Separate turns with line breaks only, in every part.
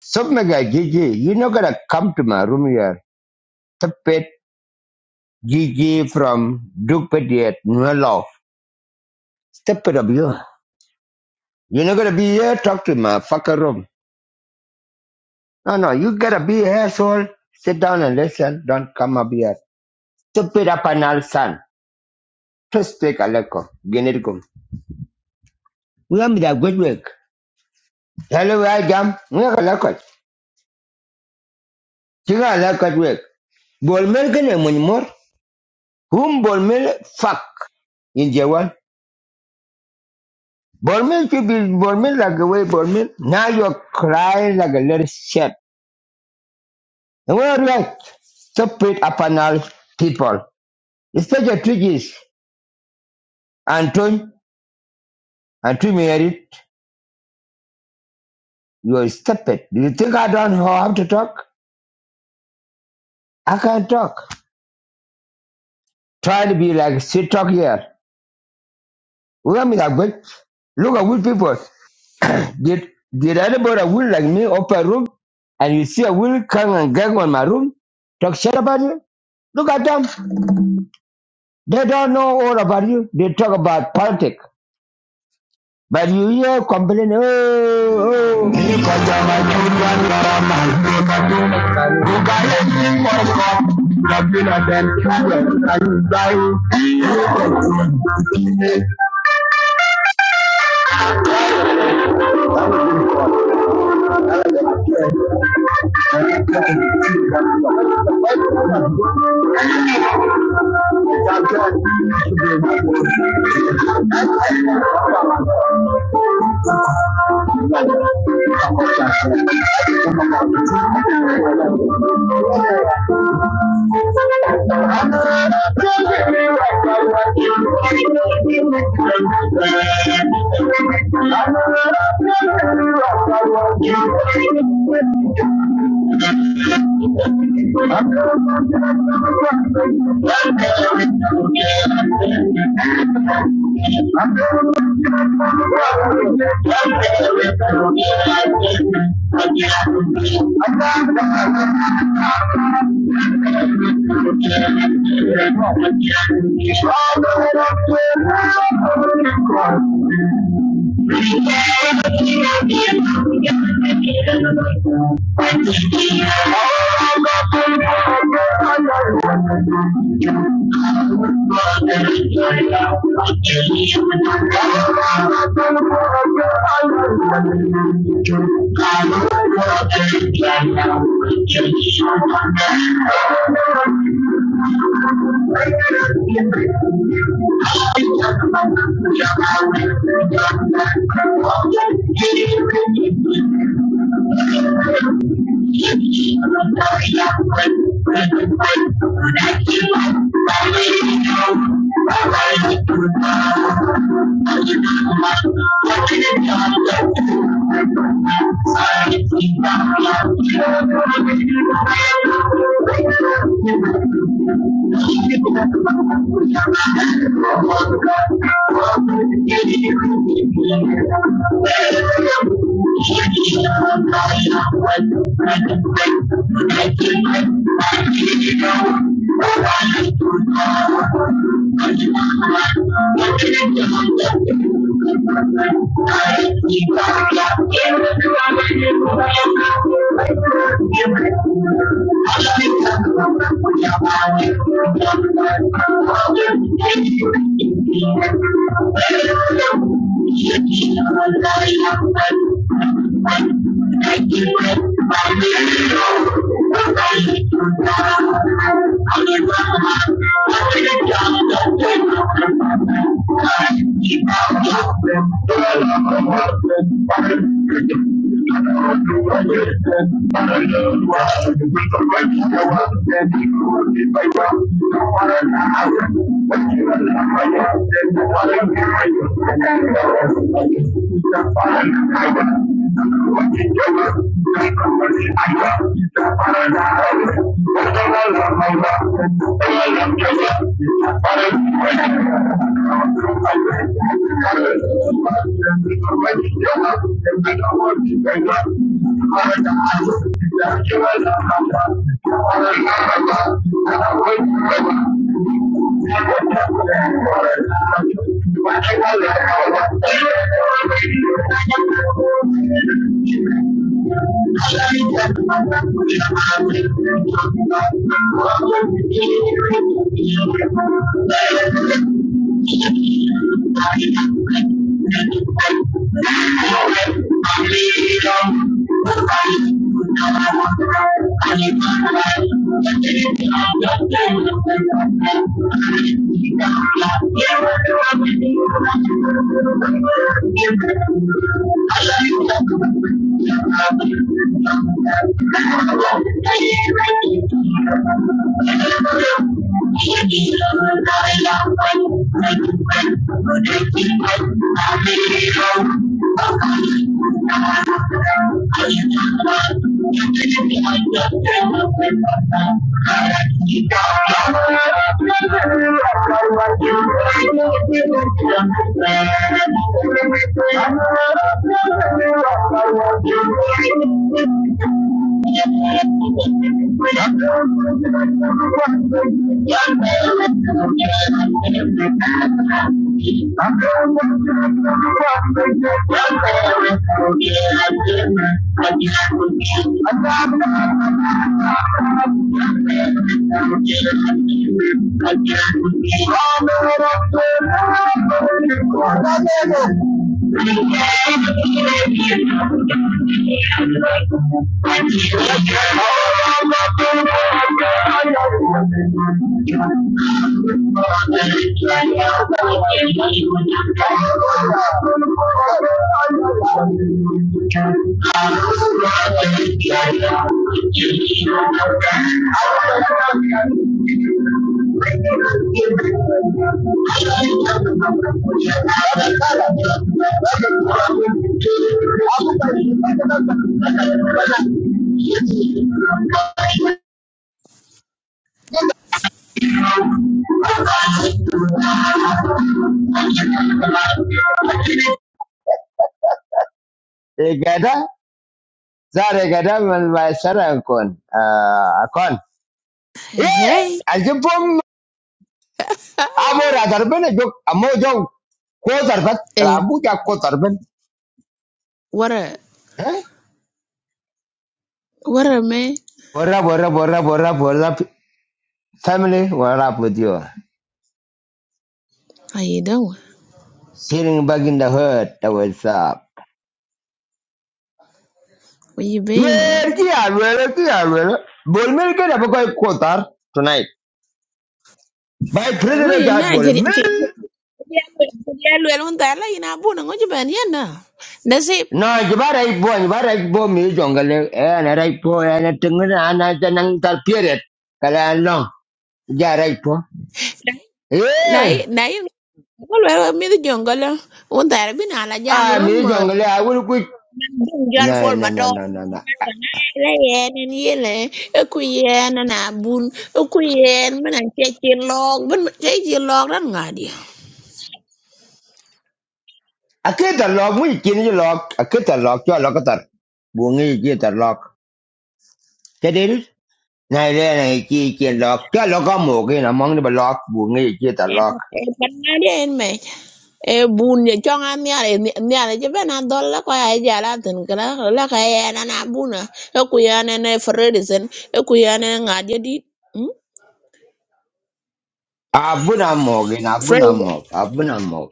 Submega Gigi, you're not gonna come to my room here. Step it, Gigi from Duke Pediat, Nuelo. Step it up, you. You're not gonna be here, talk to my fucker room. No, no, you gotta be here, asshole. Sit down and listen, don't come up here. Step it up, anal son. To speak, Aleko, Genetico. We am the good work. Hello, I jam. We are Aleko. Chiga Aleko work. Bolmel gonna more. Whom Bolmel fuck in Jawan? Burmese people, Burmese like the way Burmese. Now you're crying like a little shit. And we're like stupid all people. Especially Twiggies. Anton, Anton Merit, you're stupid. Do you think I don't know how to talk? I can't talk. Try to be like shit talk here. We are like, but look at wood people. Did, did anybody a wood like me open room? And you see a wood come and gang on my room? Talk shit about you? Look at them. They don't know all about you. They talk about politics. But you hear complaining. oh, oh. I'm Thank you. Thank you. Thank you. Thank you. Thank you. Thank you. Thank you. I'm Thank you. Egada, zare gada man mai Akon. kon, ah, a kon.
Hey,
Eh,
hey.
aljibum amora zarben jok, amo jok ko zarbat,
hey,
rabu ja
what up?
Eh?
What up, man?
Borra, borra, borra, borra, borra, family, what up with you?
How you doing?
Sitting back in the hut, that was up.
Where you been at?
Yeah, ki alwele ki alwele. Bol mil ke dapat kau kotar tonight. By
Eh, Where
president
you
kat
now?
bol
Jadi jadi
mil.
jadi alu alu entar lah. Ina abu nang ojo bani na. Nasib.
No, jibara ipo, jibara ipo mi jongale, eh, anara ipo, na tengena, ana janang tal period. Kala anong, jara ipo. Eh,
Nai nai. Kalau alu mi tu jonggol lah. Entar bi nala jam
ah, mi
rum. eh,
jongale, I will quit.
Jual
No,
fol
no, no,
motor.
no, no, no.
Layan ni le, aku yen na bun, aku yen mana cecilok, ben cecilok dan ngadi.
Akita log, mui kini log, akita log, chua log katar. Bungi kita log. này đây này chi chi lọt cái lọt có một cái là món nó bị lọt buồn cái gì chia ta
Eh,
lọt
eh, pernah dia E ebun ye cöng amyëlö myëlö cïbë na dhöl ëka aa ëjala thïn këla ëka ën ën abuna ëkwiö nïnë nïnë Fredicen ëkwiö nïnë ngat ye dit mm?
à bữa nào một cái nào bữa nào
Fred-
một à bữa nào một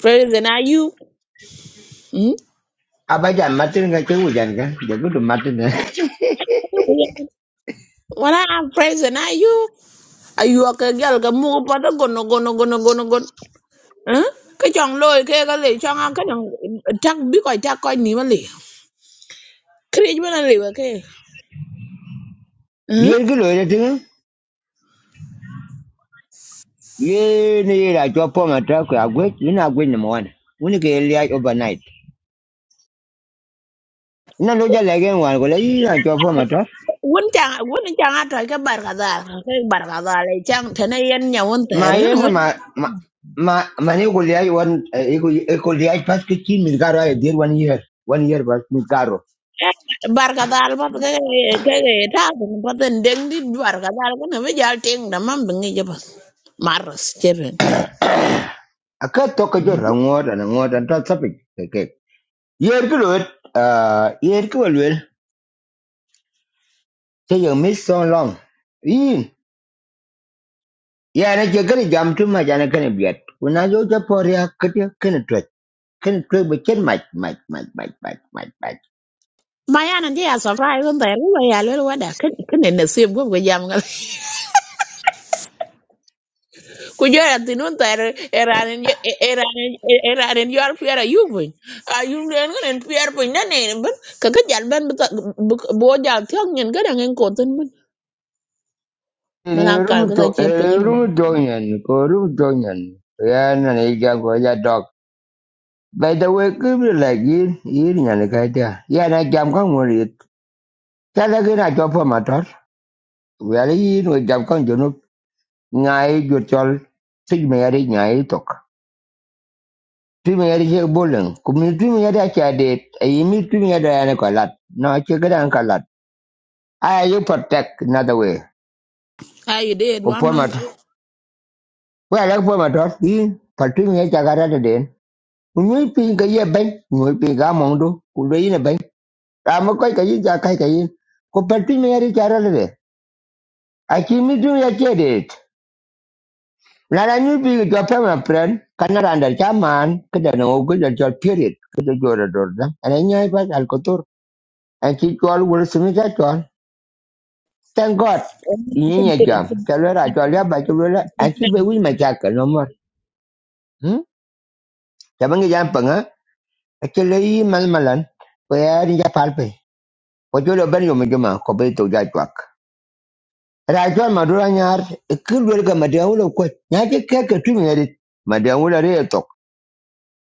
Fredicen Ayu mm?
à bây giờ mà tin cái chú dành cái giờ cứ đừng mà tin này
wëla Fredicen Ayu aywök kï gïöl pa pote gono gono gono gono gono eh? ka chong loy loi kek olik cöng ka dong tak bï köc tak ko ni nïm olik kiric mërë oliw eke
yên cái lưỡi ra tiếng yên như là cho po mà trao cái quyết nó nào quyết nằm ngoài muốn cái lia overnight nó lúc giờ lại cái ngoài của lấy là cho po mà trao
wun chang wun chang ato ke barkadal ke barkadal e chang tene yen nya wun
mà
ter ken
yên là
wun
mà mà mà mà nếu cái lia one cái cái lia pass cái chi mình caro ai dear one year one year pass mình caro
barkadal pat ke ke ke ta kun pat en deng di barkadal ken be jal ting da mam be ngi jaba maras cheben
aka toka jo ra ngor na ngor and ta sapik ke ke yer ku lut a yer ku wel che yo mi so long yin ya na che kri jam tu ma jana kan biat kuna jo ja por ya ke ti ken tret ken tre be chen mach mach mach mach mach mach mach
ma ya nan ya surprise wun ter wun ya le wada ken ken ne sib go go jam ngal ku jara tin wun ter eran eran eran yor fiera yubun a yum den ken en fier pun ne ne ben ka ke jal ben bo jal tyong nyen ga den en ko tin Mën
ni
akal
rum
kë ka
to
ce piŋin
eh,
mɔ.
rum to nyen ko rum to nyen ya na ni ja ko ja dok by the way ku bi la yin yin nyan ka ja ya na jam ka ngor yi ta la ke na jo po ma tor wel yin wo jam ka ngai jur chol tuj me yari ngai tok tuj me yari che bolen kum tuj me yari acha de ayi mi tuj me yari ane ko lat no che gadan ka lat you protect another way
How you did,
ko
Wama?
format
I
ko ala format or i par tuj me cha gara de den unyi pi ka ye ben unyi pi ga mondo ku de ine ben ra mo ko ka ja kai ka ko par tuj me yari cha ra de achi mi tuj me yari che det Nana you be your family friend, Canada and Chaman, Kadano, good at your period, Kadajora Dorda, and then you have Alcotur, and she called Will Smith at all. Thank God. In your jam, Kalera, Jolia, Bachelor, and she be with my jacket no more. Hm? Tabanga Jampanga, actually Malmalan, where in Japalpe, what you'll obey your Majama, Cobeto Jatwak. Rajon Maduranyar, a good welcome Madame Quat, Naja Kaka to me,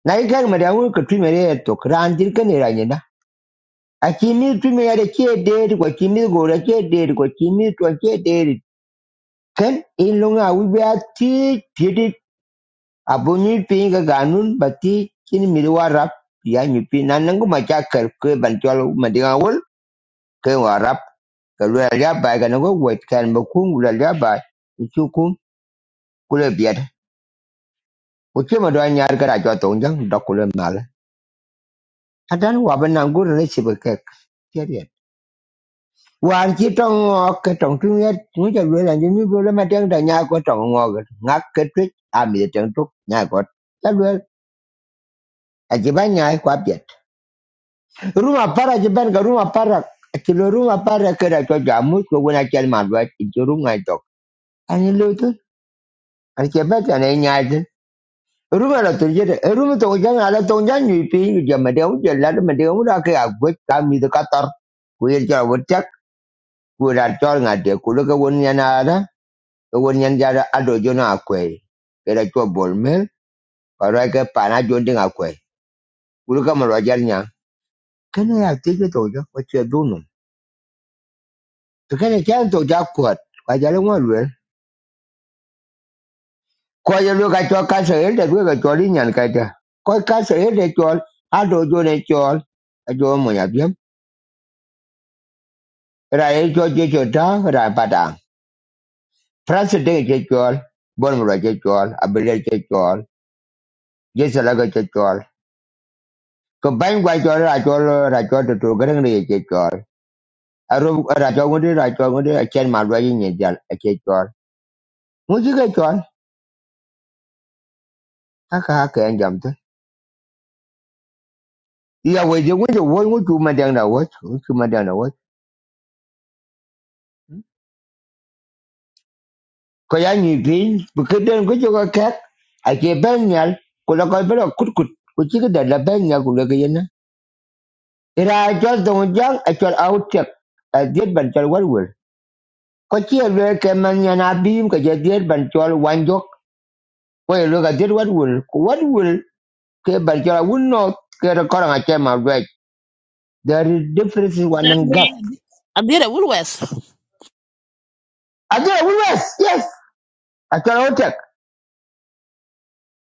na igar ma da wuri ka tui mere to kran dir ka na a ki mi tui ke de ko ki mi ke de ko ki mi to ke de kan in lo nga wi ba ti abuni pi ganun bati ti mirwarap ya ni pi nan nan ma cha kar ke ban tol ma di nga ke wa rap ya ba ga no wet kan ba ku lo ya ba ku ku ku le bi nyar ga ra jang do mal adan wa ban nan gur si Wan chi tong ngok ke tong tu nge ngu cha lue la nyi mi bu ma teng da nya ko tong ngok ngak ke twit a mi teng tu nya ko la lue a chi ban nya kwa pye ruma para chi ban ga ruma para chi lo ruma para ke da to ja mu ko wona chel ma lue chi chu ruma to a ni lu tu a chi ba cha ne nya tu ruma la tu je de ruma to ja la to ja nyu pi ni ja ma de u la ma de u da ke a gwe ka mi de ka tar ku ye ja wo ra chol nga de ku lu ka won nya na Ew'onyanjala adojona akwey kera chwa bolmel parake pana jonding akwey kuluka malwajal nya kene ya tije toja wache dunum to kene chan toja kwat wajale ngwalwel kwaje luka chwa kasa elde luka chwa linyan kaita kwa kasa elde chwa adojone chwa ajo monya biem ra e chwa je chwa ta ra pata president je chwa bolmel je chwa abele je chwa jesalaga je chwa ko bangwa chwa ra chwa ra chwa to to garang je chwa Arob racögï racögï acël mal wëc ï nyen jal ëcë cöl ngwëcï ka cöl kaka ka ën jam thon ya wece winjo woc ngucu mëdëng na wöc ngucu mëdëng na wöc ko ya nyï pïny bï kïdën kïcükö këk acë bër nyël kula Ko bërö kutkut kucï kïdëk na bër nyël kule kï yen ïra acöl thongo jang achol outek, a diet ban cöl wërwër ko cë elwe kën mën nyen abim ka cë dhyet ba cöl wany jök ko elwe ka dhyet wërwër ku wërwër ke ba cöl awun noth kede köröng acë mal There is difference in one gap.
did it Woolworths.
Again, we yes, yes. I can take.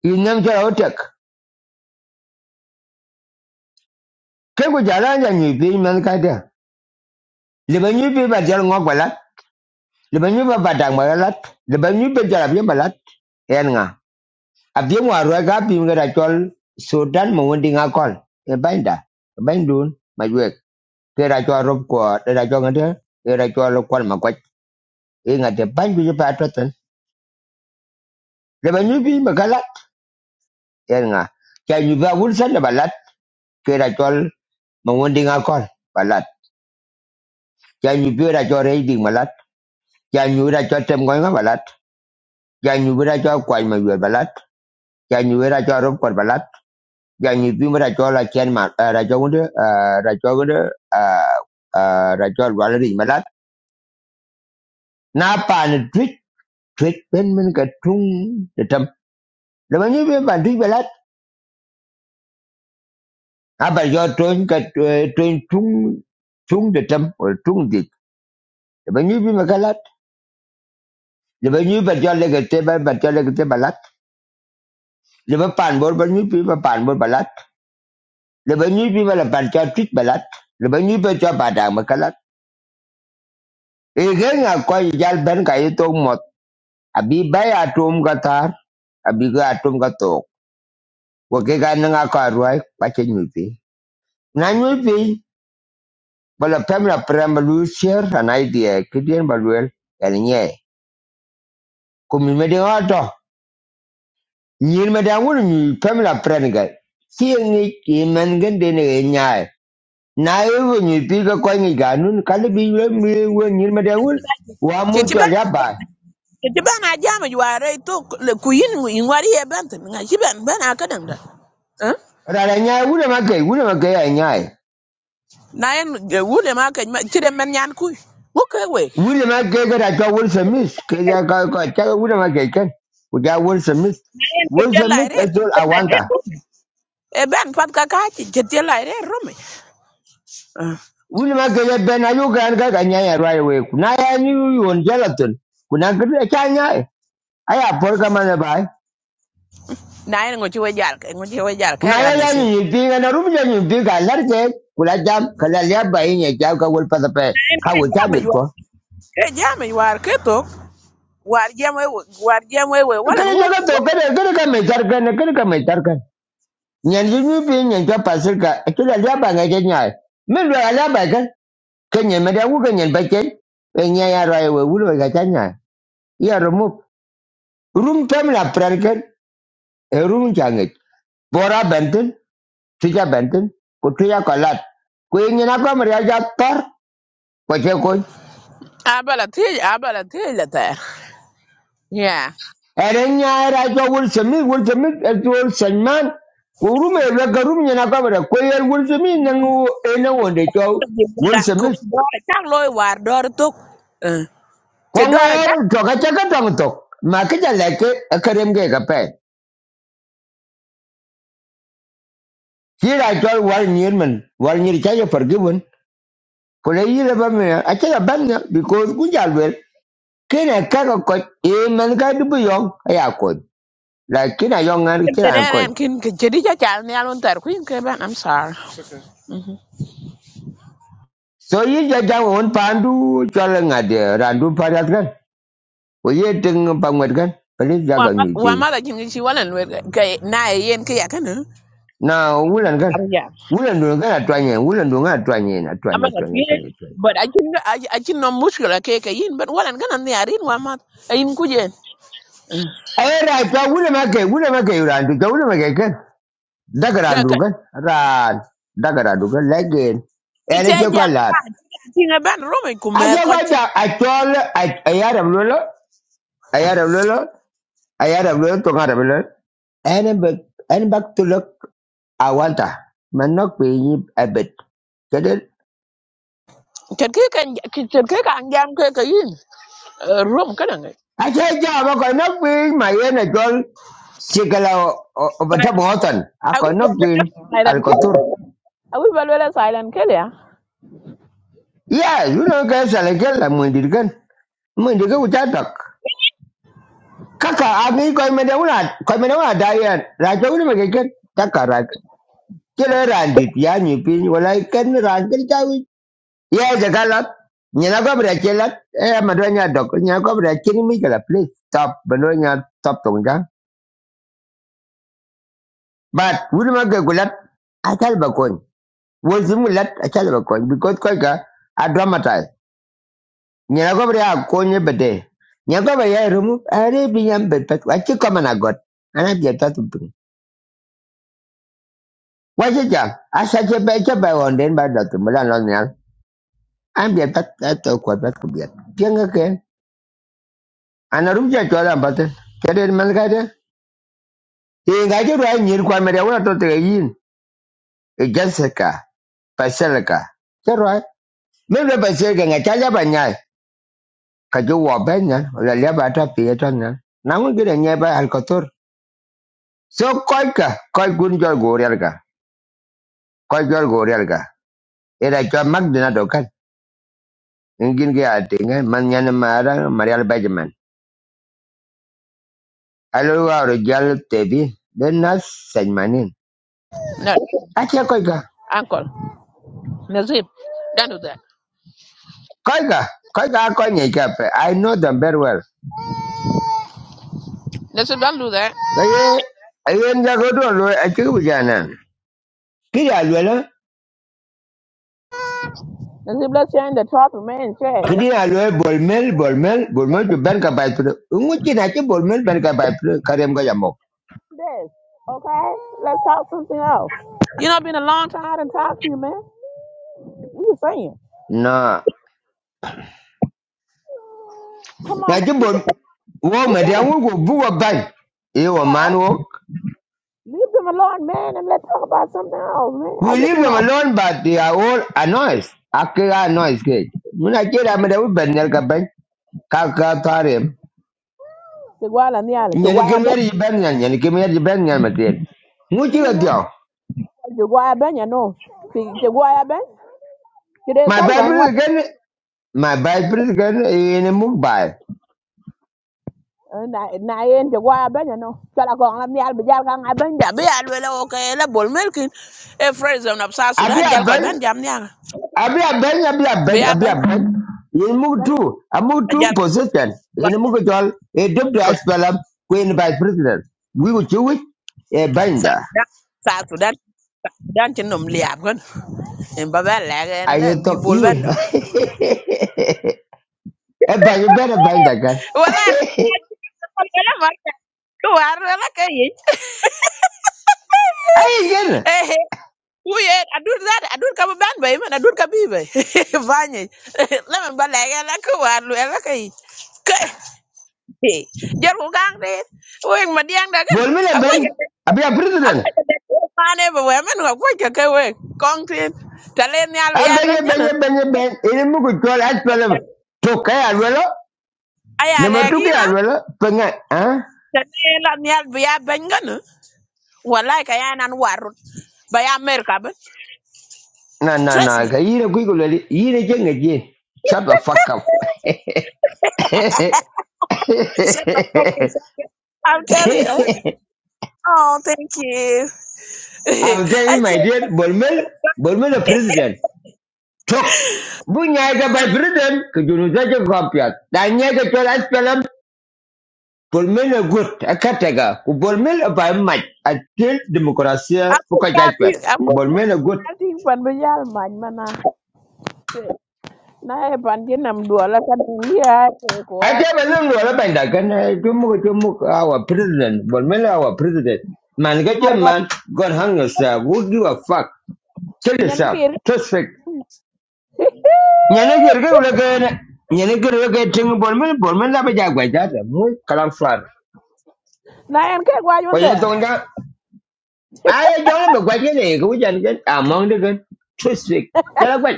You name can take. Kego jalan yang ni bi man kada. Leban ni bi bajar ngok balat. Leban ni ba badang balat. Leban ni bi jalan bi balat. En nga. Abi ngwaru ga bi ngada chol Sudan mengundi ngakol. E bainda. Baindun majwek. Kira chol rob ko da chol ngade. Kira chol kwal makwat. E ngade bandu je pa atoten. Leban ni bi bagala. En nga. Kaya ni ba wulsan da balat. Kira mà muốn đi ngang con bà lật cha như biết ra cho đấy đi tem ngói balat. bà lật cha như biết ra cho quay mà vừa bà lật cha như biết ra cho rốt quần bà lật cha như biết ra cho là chen mà à, ra cho cái đứa à, ra cho cái đứa à, à, ra cho gọi là đi mà lật na pa ni tweet tweet bên bên cái trung để tâm là bao nhiêu bên bàn tweet bà lật à bà cho tôi cái tôi trung trung để tâm ở trung đi là bao nhiêu le ba banyu pi ba pan balat le ba pi ba la pan tit balat le ba nyu pe makalat. ba dang ba kalat e ge mot abi bay atom tum ga tar abi ga tum ga ke ga na nga ka ruai ba che nyu pi na nyu pi ba la pem la prem ba lu share an idea ke dien ba luel el nye ku mi me de pem la pren ga siang ngi ki men gen de ne na hivyo nyipika kwenye ganun kali biwe miwe nyirmede wul wa mutu
Chichiban,
aliaba
Chichiban, I jam you are ready to the Queen in what he bent. Chiban, Ben Academ.
rara nyai wule make wule make ya nyai
Nine, the wood and market, Chidaman Yanku. Walk away.
wule make ka ta wul semis ke ya ka ka ta wule make ken ku ja wul semis wul semis azul awanta
E ben pat ka ka ci ci ti lai re rumi.
wule make ya ben ayu kan ka ka nyai right away na ya ni yon jalaton kuna kida cha nyai aya por kama ne
Na yin ngu ci wajal ke ngu ci wajal ke ka
na
ga
ya
ne
ya
si. E
ni na rum ya ni pinga lar ke kula jam kala ya ba yin ya jam ka wul pa pa ka wul jam
jame yuar
ko
ke jame yuar ke to. War jam we war jam we we waran
kare
war.
jaga to kare kare ka me tar kan kare ka me tar kan nyan ji ni pin nyan ka pasir ka kila ya ba ga ke nya min lo ya ba ka ke nyen me da wu ke nyen ba ke e ya ro we wu ga ta ya ro mu rum tam la pran ke e rum ja nge bora benten tija benten ko tija kalat ko yin na ko mari ya tor ko che ko
Abala til abala til la ta. Yeah.
Erenya era jo Will Smith, Will Smith es jo Sanyman. Kurume rega rum yana kabara koyer Will Smith nangu ena wonde jo Will
Ko
Smith.
dora chak loy war dora tok. Uh. Te dora ja.
Kwangor toka chaka tong tok. Makita leke akarem ge kape. Here I told Wal Nirman, Wal Nir Chaya forgiven. Kule yire ba me acha banya because kujalwe. Kena kaka kot e man ka dubu yong aya kot. Lakina yong ngar kira kot.
Tenen kin ke jadi ja chal ni alun tar kuin ke ban am sorry. Mhm.
So yi jaja won pandu chola ngade randu parat Ko ye teng pa kan pali
Wa
jaga
ma
nyi
wa ma da kin shi walan we ke na e yen ke ya kana.
Na wulan kan
Yeah.
wulan dun kan atwanye wulan dun kan atwanye na atwanye
Abala
atwanye
til
atwanye atwanye.
but I can I can no mushkila ke ke but walan kana ni arin wa ma ayin kujen.
Ai ra ta wulan ma ke wulan ma ke ran tu ta wulan ma ke kan daga ran
Na
dun
ka
kan ran daga ran dun kan legen. Ene
te ja
chokolat.
tinga ban rome
A
kumet
chokolat a chol a yara blolo a yara blolo a yara blolo to ngara blolo. Ene bak ene bak to look a Manok pe yi a bit.
Ted ke kan ted ke kan jam ke ke yin eh, room kana ngai.
Ache job I could not win my yen at all. Sikala of a top hotan. I
Awi
could not
balwela
win
silent ke.
Alcotur.
Awi balwela silent ke ya.
Yeah, you know, guys, I get la Mundigan. Mundigan with that dog. Kaka, I mean, koi me dauna, koi me dauna dayan. Raja wuna me keken. Kaka rak. Kila randit, ya ni pin, wala ikan randit jawi. Yeah, the galat. Nyina go brachelat. Eh, madonya dog. Nyina go brachini mi kala, please. Stop, madonya, stop tonga. But, wuna me gulat. Akal bakon. Wozimu let a child of coin because Koika are dramatized. Nyagobri are coin a bede. Nyagobri are room, a rebian bed, but what you come and I got. And I get that to bring. Why should ya? I such a better by one then by Dr. Mulan Lonial. I'm the pet at the quarter to be at. Piang again. And a room jet to a button. Kedin Malgada. He invited right near Kwamere, what to the yin. A Jessica, Paselica. That's right. Maybe Paselica, I tell you kaji wo benyan la leba ta piye to nan na ngun gire nye ba so koi ka koi gun jol go real ga koy jol go real era jo magdina do ingin ngin ge ate nge mara marial bajman alo wa ro tebi den nas
No,
Acha koi ka
uncle. Nazib, don't do that.
koi ka koi ka koy nye pe i know them very well
Nazib, don't do that.
aye aye nda go do lo ache bu jana kiri alwela,
Nazib, let's change the topic, man. Check
Kini aloe bolmel bolmel bolmel tu ben ka bai Ungu ti na bolmel ben ka bai karem ka yamok.
this, okay? Let's talk something else. You know, been a long time I didn't talk to you, man. What you saying?
Na
Come
na
on, man.
ti
You
bol
can't,
wo
you
ma
can't
dia
be
go bu wa bai. E wo man
about.
wo.
Leave them alone, man, and let's talk about something else, man.
We
I just
leave them
wanna.
alone but they are all annoyed. Akira annoyed ke. Muna kira ma da u ben ner ka bai ka ka tarem.
Chigwala ni ala,
Nyani
chigwaya
kem yer ben nyan nyani kem yer ben nyan ma Ungu ti
ba.
dia.
je gwa ben ya no ti je gwa ya ben ti de
My
salvan
Bible
wat
again my Bible again eh, in a
na na yen je gwa ya ben ya no tala ko ngam yal bi jal kan ben ja bi al wala o ke bol milkin. e phrase on absa
Abi
sudan jal ko
abai
ben jam nya
Abi a bench, abi a
be
bench,
ya
abi
ben
a You move to, I move to
jal
position.
ba
In Mugajol, a deputy
ko
Aspalam, Queen Vice President. We would do it, a
sa
binder.
sudan sa sudan sa sudan ti nom liab kan en ba ba la ga na
I
la
you
bi
talk
bol ben
here.
do
A binder, better binder, guys.
wala wala marka ko war la kay eh,
I again,
eh, Wuyet, adut zat, adut ka baban ba iman, adut ka bibe. Vanye, lemen ba lege la ke war lu ela ke yi. Ke, jer ku gang de, weng ma diang da gen.
Bolmina
Akwa je,
Ben, abi a
akwa
president.
je de ku mane ba wemen, akwa je ke we, kong tin. Tale nyal bi
A
ya
bang, a
ben gen,
bang, a bang, a bang. In Mugajol Aspalam, Tokay Alvelo,
aya legi
Namatuki
na,
Alvelo, Penga, huh?
tale la nyal bi ya ben gen, walai ka ya nan warut, ba ya mer
No, no, no,
Trust
I
me.
can't. You know, quickly, you know, again. Shut the fuck up. I'm
Shut the fuck up. fucking sucker. I'll tell you. Yalla bi Oh, thank you.
telling you,
I said.
my dear, Bolmel, Bolmel, the president. Talk. Bunyaga by president, Kujunuzaja Gompiat. Danyaga to Aspelam, Bolmel a good, a Katega, Bolmel by much, a till democracy, Pukajatwet.
Aplikasi aplikasi
Bolmel a good.
pan bi yal many mana te na e pan ki nam dua la ka dun ya ko ko
I
ga
tell
ti
them, Wallabanda, can I can do our president, Bolmel, our president. Man, get your
har ga
man, God hang yourself, would give a fuck, kill
nyen
yourself,
kir
just fake. Nyana jer ke ule ke nyana ke ule ke ting bolmen bolmen la beja gwa ja ta mu kalam far.
na en ke gwa
Ko
yun
ye
te
tong ja ay jo le gwa ke ne ku jan ke among de ke twisik. Ya la gwa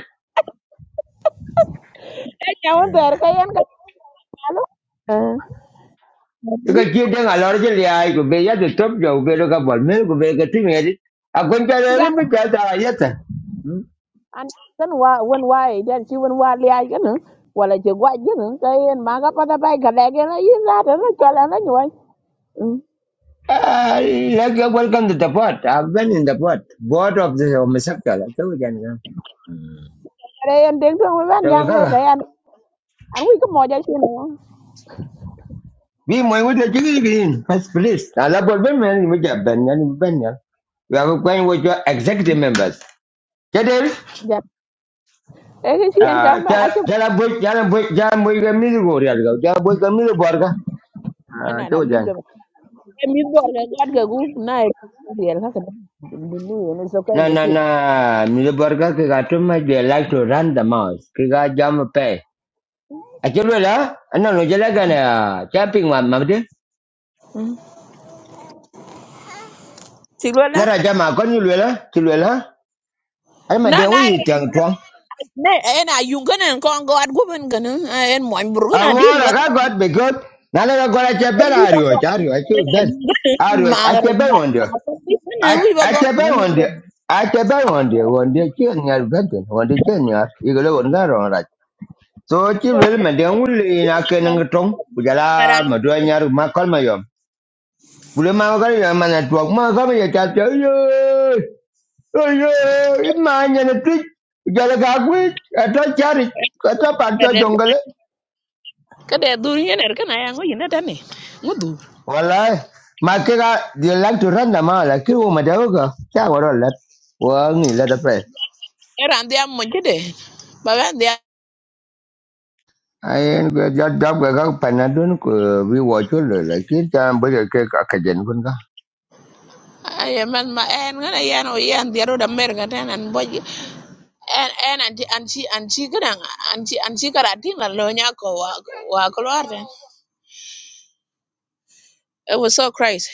e nya un te ka en ka alo eh ni
ke ji de ga lor je le ay ku be ya de top jo ke ro ka bolmen ku be ke ting ye a kun ja le
jam
re beja ta ya ta.
an kan wa wen wa e dan chi wen wa li ai kan eh. wala che gwa jin ka en ma ga pa da bai ka le ge na yin za da na ka la na nyu ai
Ay la ke welcome to the pot. I've been in the pot. Board of the homosexual. So jan ga.
re en ding tong wen
So
jam ge
ka
ga an an wi ko mo ja chi no
Bi mo ngode jigi jigi in first place. Na la bor ben men mi ja ben yan ben yan. We have going with your executive members. Jadel
ja e ke chi en jam
ah
ba
ja
a chi
ja la boy ja la boy ja mo ga mi go real ga ja boy ga mi bor ga. Ah
na
to
na
jan.
em yit gor ga gat ga gu na e biel ha ka dulu ne so kai
Na na
nasib
na mi bor ga ke ga to ma de like to run the mouse. Ke ga jam pe. A ke lo la ana no jala ga na ja ping ma ma de.
Ti lola?
Na ra ja ma ko ni lo la ti lo la. Ai ma
na
de
na
wi
e
tang tong.
ne e na yu ga nen kon god gu ben ga nen en mo bur ga na dil ba
angora ka got because nala ka got ache
en
ben
wi ba
arioch
god gu
arioch
ben
ache
na
ben
yu ga nen
arioch
ma
ache ben
ma ma
wonde
so bi na wi
Ach-
ba god
ache
gu
ben
nen
wonde ache ben wonde wonde che nyar benten wonde che nyar igolo won ga so chi
so
lwel mende wuli na ken ngtong
para
kujala madua nyar makol mayom Bule ma ga ya mana tuok ma ga me ya cha cha yo yo ma nyane twit kujala ga gwit ato chari ato par cho
perder
jongale
ka de dur yen er kana ya ngo yin ta ne ngo dur
Wallahi, ma they like to run them out, like you, Madawaga, Chawara, let, Wangi, let us pray.
era ande am mo ke de ba ga ande
I ain't job, I got Panadun, ko we watch all, like jam bo ke ka ka jen kun ga
ay man ma en ga na yan o yan de ro da mer ga tan an and and anti anti anti kadang anti anti karating la lonya ko wa wa keluar deh. It was so crazy.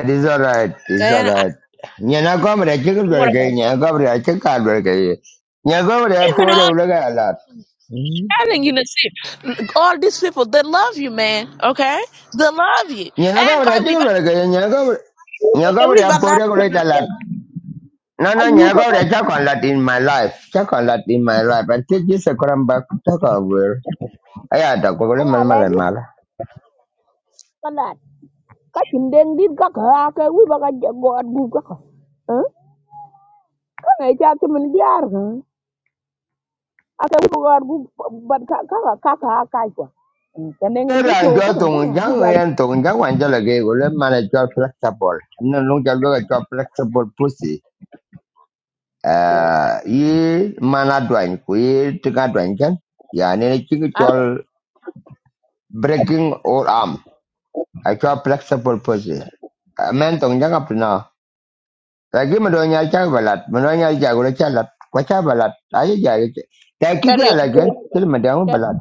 it, and but you cake, I can't right, it's all
Kaya I
right.
don't
Nyana Gomra, I check it
know what
again,
about
Nyana Gomra, I check out again. Nyana Gomra, I
even
poured
all
a look at a lot.
telling you Nasib, all these people they love you man, okay? They love you.
Nyana
And
Gomra, I
kai
check
we ba
it again, Nyana
we ba la
Gomra. No, no,
ayu ko
never
ka
I talk on that in my life. Talk on that in my life. I think this a current back to talk over. I had a couple of
aya
mal mal
lagi
mal.
kalat. Ka kindeng dit ka ka ka we ba ka god bu ka. ka. Huh? Ka ngai cha ke men diar ka. Aka we ba god bu bad ka ka ka ka ka ka. Kanengen ke
Ra
cho ka
jo
nang ka
tung
na bu
jang yen to jang wan jala ge go le mal jo flexible. No lung jo go jo flexible pussy.
ar
Uh, ye mana dwan ku ye tika dwan Yeah, Ya ni ni ching breaking or arm. I jo flexible pussy. Men tung jang now? Lagi mendoanya cak balat, mendoanya cak gula calat, kwa cak balat, aja jadi. Tapi
kar yo
kita lagi,
yen
kita mendoanya balat.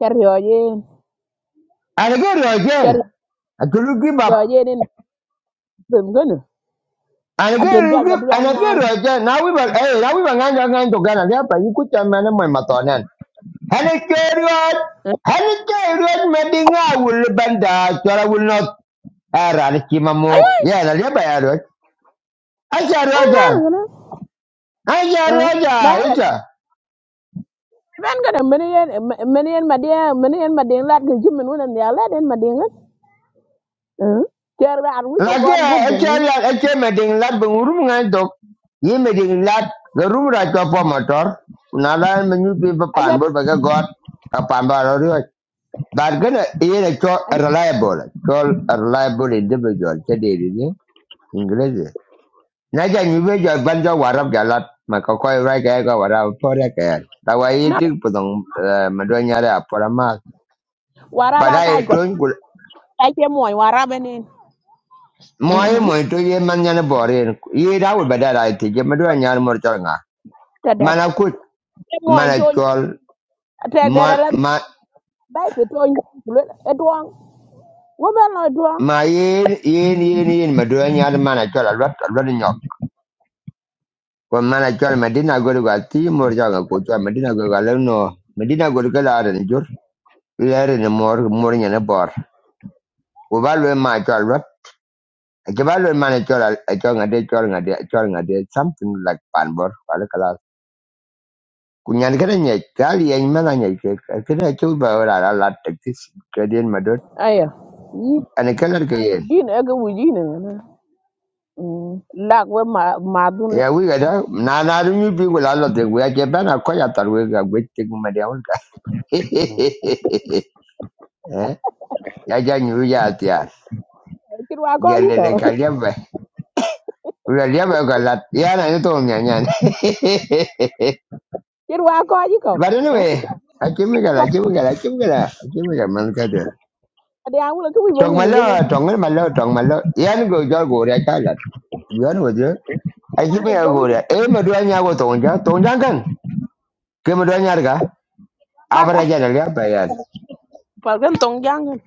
kar yo yen
Anak rojan,
kar
aku lugi bab.
yo yen in ben gëna a
Anak
ben gal
lugi,
ma dura
anak
ñaar
rojan. Nawi bal, eh, nawi bal nganjang nganjang kan. Ada apa? Ikut zaman mana matonan. Anak rojan, anak rojan mendinga ul benda, cara ul not. Ara anak
ay
cimamuk, ya, ada apa ya rojan? Aja
ay
rojan,
ngaan gëna
aja
da
rojan, itu.
ben gëna men yen men yen ma de men yen ma de lat gë jëm men wonen ya lat en ma de ngat kër ar wi bu
Lage
god gob gëna
echari eche meding lat bungurum ngai dok. Ye meding lat garum ra cho po motor. Unala menu pe pa
aja
pan bor baga god. a pan ba ro ri. Bar gana ye na cho a reliable. Call a reliable individual che de ri ni English. Na ja ni be jo ban jo warap ja lat ma ko koi ra ga ga warap po ra ga. Ta wa
na
ye tik pudong ma do nya ra po ra ma.
wara
Ba
ba
da
kay
ye
ko
to
ay ke moy wara benen
mo ye
mhm
mo bore. Ye da wo ba ti je ma do nya
te det
Manakut,
ke moy to
manachol,
te det
ma
la
ma
bay fi to e tuang wo ben
ma yen yen yen yen maduany yar manachol alwat alwat nyok. Ko manachol medina gori ga go to jaga ko chwa medina gori ga leno medina gori ga lare ni jur lare ni mor mor nyane bor. Ko balwe manachol alwat ke balwe manachol achol ngade chol ngade chol ngade something like pan bor wala kala. Kunyan kada nyek I yany mana nyek kada chul ba ora la la tektis kadien madot.
Aya, yi
Ane kalar ke
gin ege wu yi ne ngana. Mm, Lak we ma ma dun la.
Ya we ga da na na ru mi bi gu la lo de gu ya je ba na ko ya ta ru ga gu ti gu ma de ul ka. Eh ya ja nyu ya ti ya.
Kir wa ko
Ge
yi
le le
ko.
ka le ba. Ru le le ba ga la ya na ni to nya nya.
Kir wa ko yi ko.
But
Eh?
anyway, I give me ga
Wa
la give me ga la give me ga la give me ga man ka de.
de an wala ko wi
Tong
bongi
ma
je gana.
lo tong ma lo tong ma lo. Ya ni go jo go ya ka la. Yo no de. A give me
Ai
ga
wa wi
go ya. E ma do nya go tong ja tong ja kan. Ke ma do nya ga.
ma ta.
Abra ja le ya ba ya.
Par gan tong jang.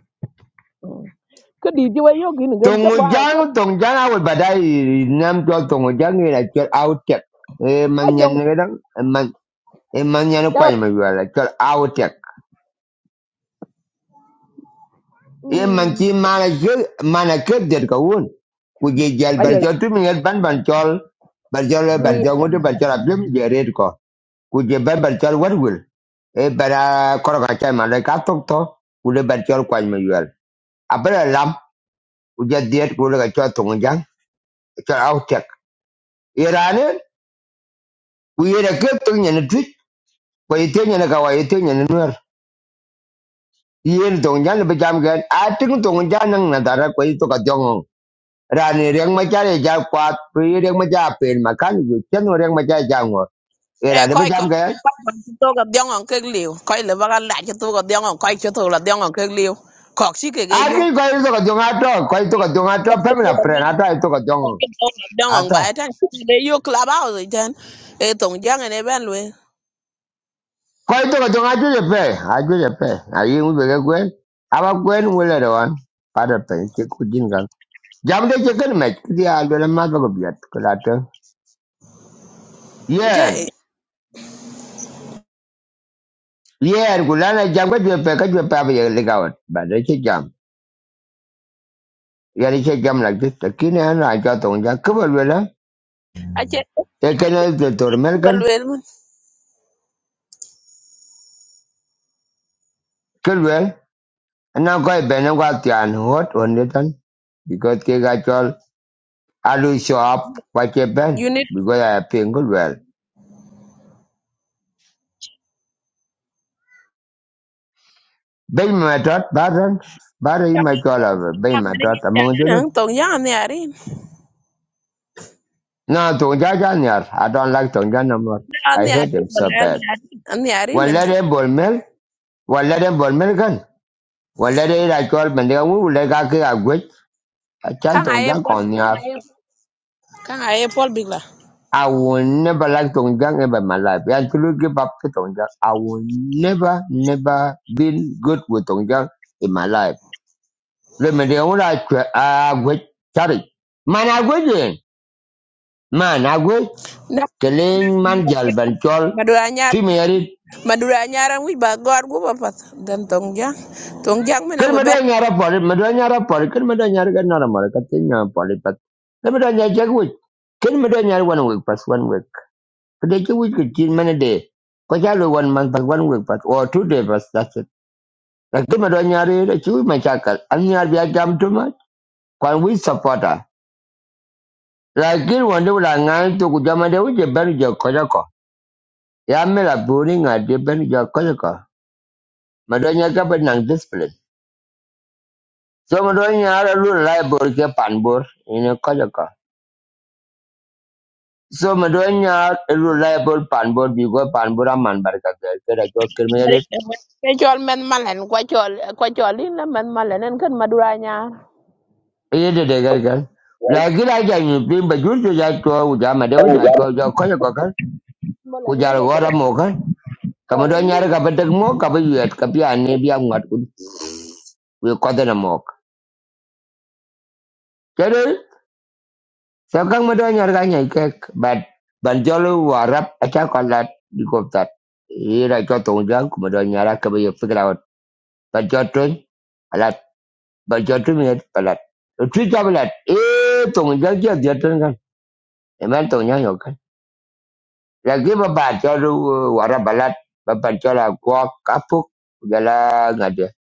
Ko di ji we yo gin gan ko ba ko
Tongojang, Tongojang awal badai nam jual Tongojang ni lah jual outek. Eh
a jong.
manyan ni kadang, eh man, eh manyan
Ya
apa
wa.
yang jual lah jual outek. Eh
Mm.
manci mana jual, mana kerja kawan. Kuji jual
Aya,
banjol tu mengat ban banjol, banjol
du yi.
banjol muda banjol abdul jerit ko. Kuji ban banjol wargul. Eh bara korang kacau mana katok to, kuda banjol kau yang jual. Apa lah lam, kuji diet kuda kacau Tongojang, jual outek. Iran we yet a good thing in a trick, but you think in a kawaii thing in a nur. Yen tong jan the jam gan, I think tong jan and that I quay to a jong. Rani ring my jari jab quat, pre ring my jab in my can you, ten ring my jab jam. Here I
E ko
never
ko.
jam gan.
Ko ko to ga dyong an ke liu. Ko le ba ga la to ga dyong an ko to la dyong an ke liu. Kok si ke ge
I
yo.
think quay to a jong ato, quay to a jong ato, Pamela Pren, ato I took a jong
dong
ato.
by the time you club out then e tong jang ne ben we
Quay to a jong ato je pay, I do je pay. Are you with a gwen? Our gwen will let one. Father Pen, Chick Jingan. Jam de chicken match, the Alabama Yet.
je
Yeah, kulala jam ka jwe pe ka jwe pe abe yele gawat. Ba de che jam. Ya de che jam like this. Kine han a ja tong ja ka ba lela.
a che
E ka na de tor mel
wel
gan. Ka wel. Na ko e ben wa tian hot on de tan. Because ke ga chol alu show up wa che ben.
you need
Because I ping good well. Ben ma tot baran. Bara i
to
ma chol a ben
come
ma
ne
tot
tan
among de
na
no.
tong jang ne ari
tong ja ja nyar. I don't like tong ja no more. I
ne
hate
ari
him so
bala
bad.
ne ari ne ari ne
One let
to
him bol mel. One let him bol mel Walere ira chol mende wu ulega ke agwet a chan
kan
tong
aye
jang
bigla
I will never like tong jang ever in my life. Yan chulu give up to tong I will never never been good with Tongjang in my life. Le mende wu la chwe agwet chari. Man agwet yen. Man agwet.
na
Keling man jal ban chol.
madura nyar
Tri me yari.
madura nyar wi ba gor gu ba pat den tong jang tong jang mene
Kan
we
madu
ben
nyara pori, madu nyara pori, kan madu nyara kan nara mori, kan tin nyara pori pat. Kan madu nyara jagwet. Kan madu nyara one week pas one week. Today you will get in many day. Because I do one month but one week but or two days but that's it. Like him at Onyari, the Chewy Machakal, and you are be a jam too much. Can we support her? Like it one day when I'm going to Kujama, they will get buried your Kojako. Yamela Boring, I did buried your Kojako. Madonia Gabanang discipline. So Madonia are a little panbor to Panbur in a Kojako. So Madonia are a little liable Panbur, we go Panbura man, but I got
ke chol men malen kwa chol kwa chol in la men malen en kan madura nyar
Iya da dai kan. Lagi la ja ni pin ba jun to ja to u ja ma de u ja ja ja kan. Ku
molen
ja go
ngodi
mo kan. Ka
for
ma do
any
nyar ka ba tek mo ka ba yet ka bi an ne bi am ngat ku. mo. Ke de sa kan ma do nyar ga nyai ke ba ban jo lu wa di ko ta. Iya ra to to ja ku ma do nyar ka ba ye fikra wa. Ba jo to ala ba jo to Tu ja bla. E ja ja ja kan. Emang man to Lagi babaca du wara balat, babaca la gua kapuk, jala ngade.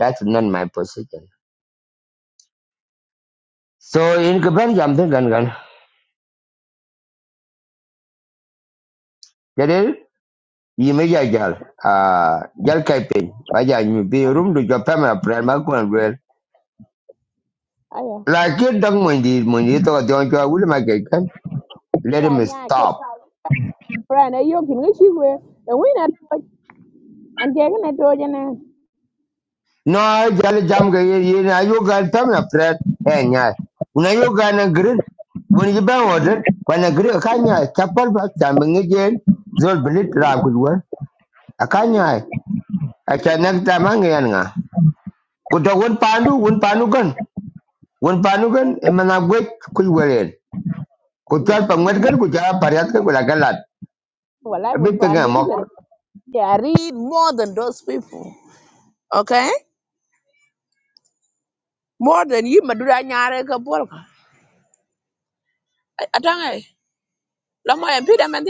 That's not my position. So in keban jam tu kan kan. Jadi ini meja ah jal kaipin. Baca nyubi room tu jumpa ma pernah makuan duel.
aya
Lagi dong mundi mundi tu kau jangan jual ulah kan. Let
ta
him
nya ke
stop.
pran e yo kin chi we e wi na an je ne to je ne
No, I jolly jam ga ye ye na yo ga tam na pret e nya. Una yo ga na grid when you ban order when a grid ka nya chapal ba cham ngi jen zol blit ra ku wa. A ka nya a cha na ta ma ngi yan nga. Ku ta won pandu won panu gan. Won panu gan e mana gwe ku wa yen. Ku ta pa ngat gan ku cha paryat ka ku la galat.
wala
Abi
won pa
pe
an
ga
din
mok.
de they are read more than those people okay more than you madura nyare ka bol ka atanga la mo en pida men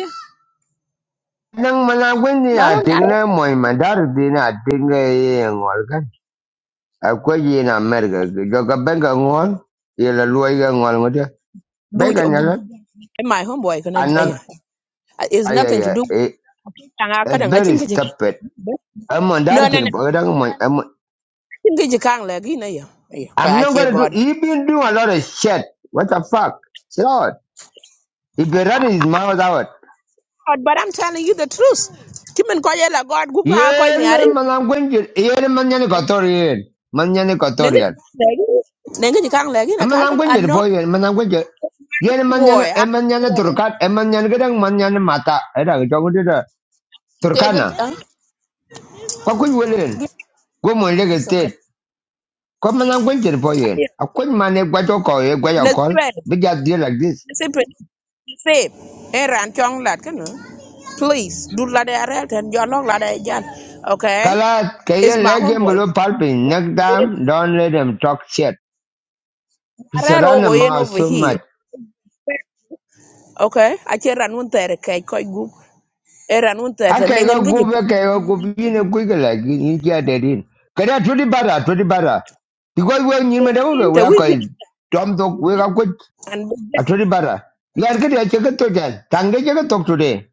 Nang mana gwen ni
la
a
ron
ting
nyare
na moy ma dar di na ting ga ye ngol akwai yin America joga benga ngon yela luoiga ngol ngote
do
bega
cho good
nyala
and my homeboy kana
anat
aya is nothing
ayaya
to do
e
tanga
a,
kadan
very
achin ke
stupid
no
I'm on
no
that kid,
no
I
achin ke kang la gi na ya ya ko
not am
ache
i am not going to do
god
he been doing a lot of shit what the fuck Lord, he be running his mouth out
but but i'm telling you the truth kimen ko yela god gu ka ko
yen
ni
man I'm going to yen man nyane kotorian man nyane
nengi jikang lagi nengi jikang lagi na kato ano
boy man I'm going to yen man
boy
eh, turkat eh, man gedang man mata era jogo
tega
turkana
ta
kwa kuj Go mon leg
saka
state. Come and I'm going to for you. I couldn't manage what you call you, what you
na
call.
sipre
Big deal like this.
na e ran chong lat kana please do la de arel ten jolong la de jan okay
Kala, can you
it's my
let him
homeboy
below pulping? Next time, don't let him talk shit. He's
arero
run the
go in
mouth
over
so
here
much.
okay I can ran un tere kai koi gu e ran un
I
tere
can
nengen
go
ge
go
jipu
back, I go go in a quick like in India they did. Can I twenty barra, twenty barra? Because we're in Madame,
te
we are
wi bi
called Tom Dog, we are good
an
at twenty barra. Yeah, get a check it to that. Tango check it today.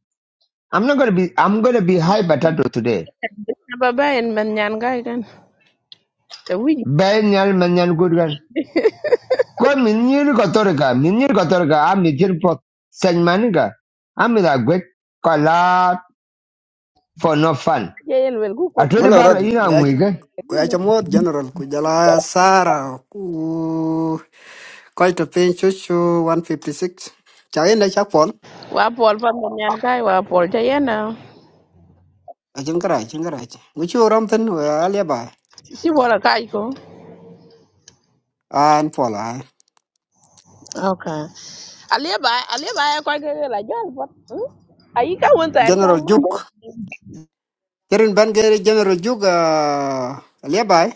I'm not gonna be, I'm gonna be high potato today.
ba ba en man nyan gai kan te wi
Bay nyal ma nyan gud gan. Ko min nyir kotorka, min nyir kotorka, a mi jir pot. Sen maniga, a mi da gwek, ko la for no fun.
je yel
A tori
Wala rod
bar ina ngwi gan.
wacha mod general kujala Sara ku koi to pin chuchu 156 chain da chapol
Wa Paul pa mo nyan kai wa Paul te yena.
ajin kara ajin kara muchu ram tan alia ba
Si bora kai ko.
an pola
Okay. Alia ba alia ba ko ke la jal pat. Ayi ka won tar
general
chong ma.
juk kerin ban gere general juk uh, alia ba eh?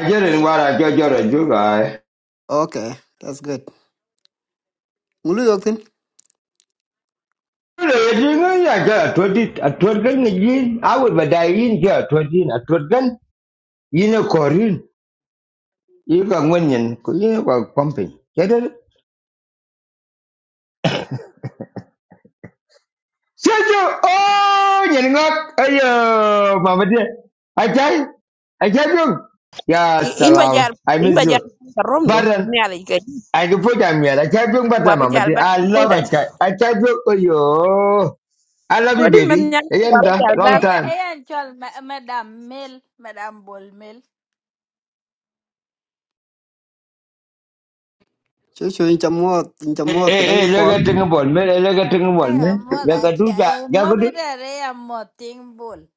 Jerin wara jojoro juga.
okay that's good mulu yokin
Ule yedi ya jara twadit, a twadgan nga jin, a wud bada yin jara twadin, a twadgan yine korin, yika ngwenyen, yine kwa pumping. jere Sergio, oh, nhìn ngót. Ây dờ, mà bên kia. Anh thấy, anh thấy không? Ya
I- In ba
salam,
jal
I
in ba
miss you.
jal ka rom do.
Button,
Ni ala ke.
I cứ put them here. Anh thấy không
Wa
button
ba
mà bên
jal
kia.
ba
I
ko
love anh
dat.
thấy. Anh thấy không? Ôi dồi. I love
Do
you
din man
baby.
nyan kai wa
Ayan
ba jal ba.
long
Ella,
time.
ella en ma- Madam Mill, Madam Bull Mill.
chuchu in chamot in
Eh,
chamot
eh,
kada in
eh, laga tengah bol men, eh, laga tengah bol
Ella
men.
moda
Laga du
que
ja,
es
jago du.
moda de ella moting bull.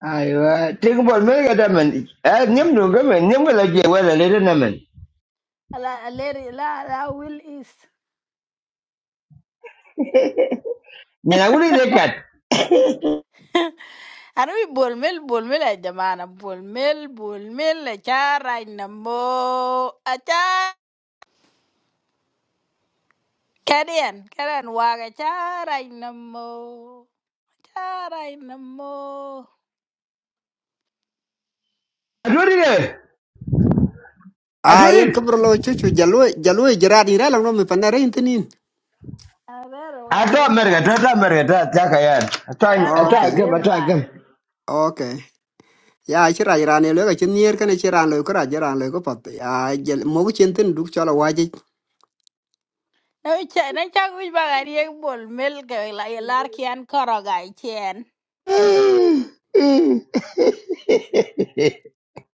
Aywa, tengah bol men kata men. Eh, nyam dong men, nyam lagi awal ada na men.
La la la la will is.
Nyana guli dekat.
Ana mi bull mill bull mill ay jamana bull mill bull mill chara inamo acha Kadian kadian waga chara inamo chara inamo.
Aduh ni deh,
Ah,
aduh
ayen
ni.
kabro lo chuchu jalu jalu jiradi ra lang no mi panare intinin
Arero ga
Ato
leba
America, to ato America, to ataka yan. Ato,
arero
ato
ga
okay
agam, ato
leba
agam.
okay ya chira iran lo ga chin yer kana chiran lo kura jiran lo ko pat ya jel mo ko chin tin duk chola waji
No chen na cha ku ba ga ri bol mel ke la lar kian koro ga chen.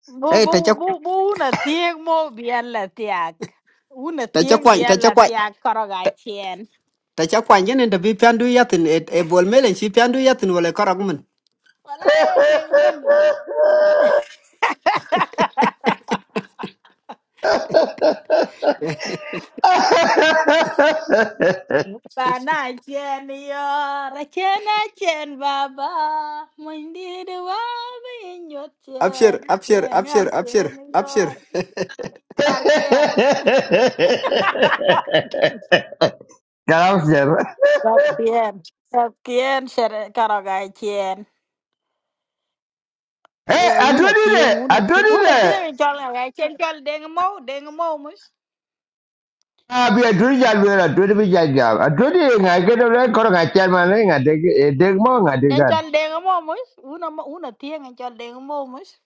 Bu
e ta
bu
cha
bu bu una tieng mo bian la tiak. Una
ta cha
tieng
kwai ta
bian
cha
la
kwai
tiak koro ga chen.
ta cha kwai yen da bi pandu yatin e e bol melen chi pandu yatin wala kara gumen
Wala e ke ben. Ba na chen yo ra chen na chen baba. Mun di de wa bi nyo
abshir
chen
abshir
chen a
abshir abshir
chen yo.
abshir
Lar kian.
Kalam sir.
Lar kian. Lar kian sher koro ga chen.
Eh,
una
atodi de,
tieng una tieng
atodi
una
de.
tieng chol na ga chen chol deng mo deng mo mus
Abi atodi jalbe, atodi bi jalbe. Atodi nga kedo le koro nga chairman le nga deg, deg mo nga
den
degan.
chol deng mo mus una mo- una tieng en chol deng mo mus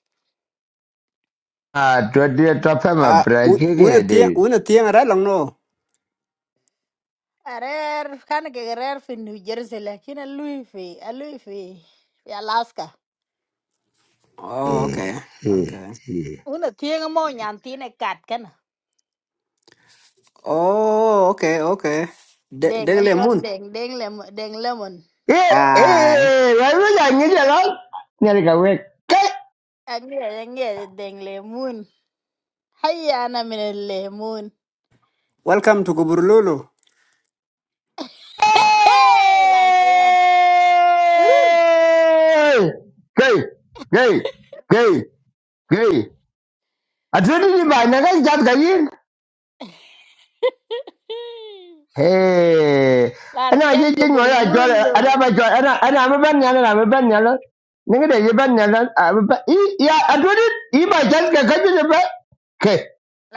Ah, 20th of February,
a
Brazil
una
did
tie
it.
una tie ra lang no
arer kan ke gerer fi new jersey lakin a lui fi a lui fi fi alaska
oh okay
Eh,
okay
eh,
una tieng mo nyan tine kat kana
oh okay okay de
deng
de
en
le
chol
mun
deng deng lem deng lemon
ai
eh, why would I need a lot? Nearly go away. Gay!
angie angie deng lemon hayana min lemon
welcome to guburlulu
hey larkier
Gay! Gay! Gay! I told you by Nagan Jab Hey, ana ye
Larkien
ye
gobor
nyo ya jol ana
lulu.
ba jol ana ana ba ban nyala ana ba ban nyala. Ninga de ye ban nyala a ba i ya adoni i ba jan ka ka je ba. Ke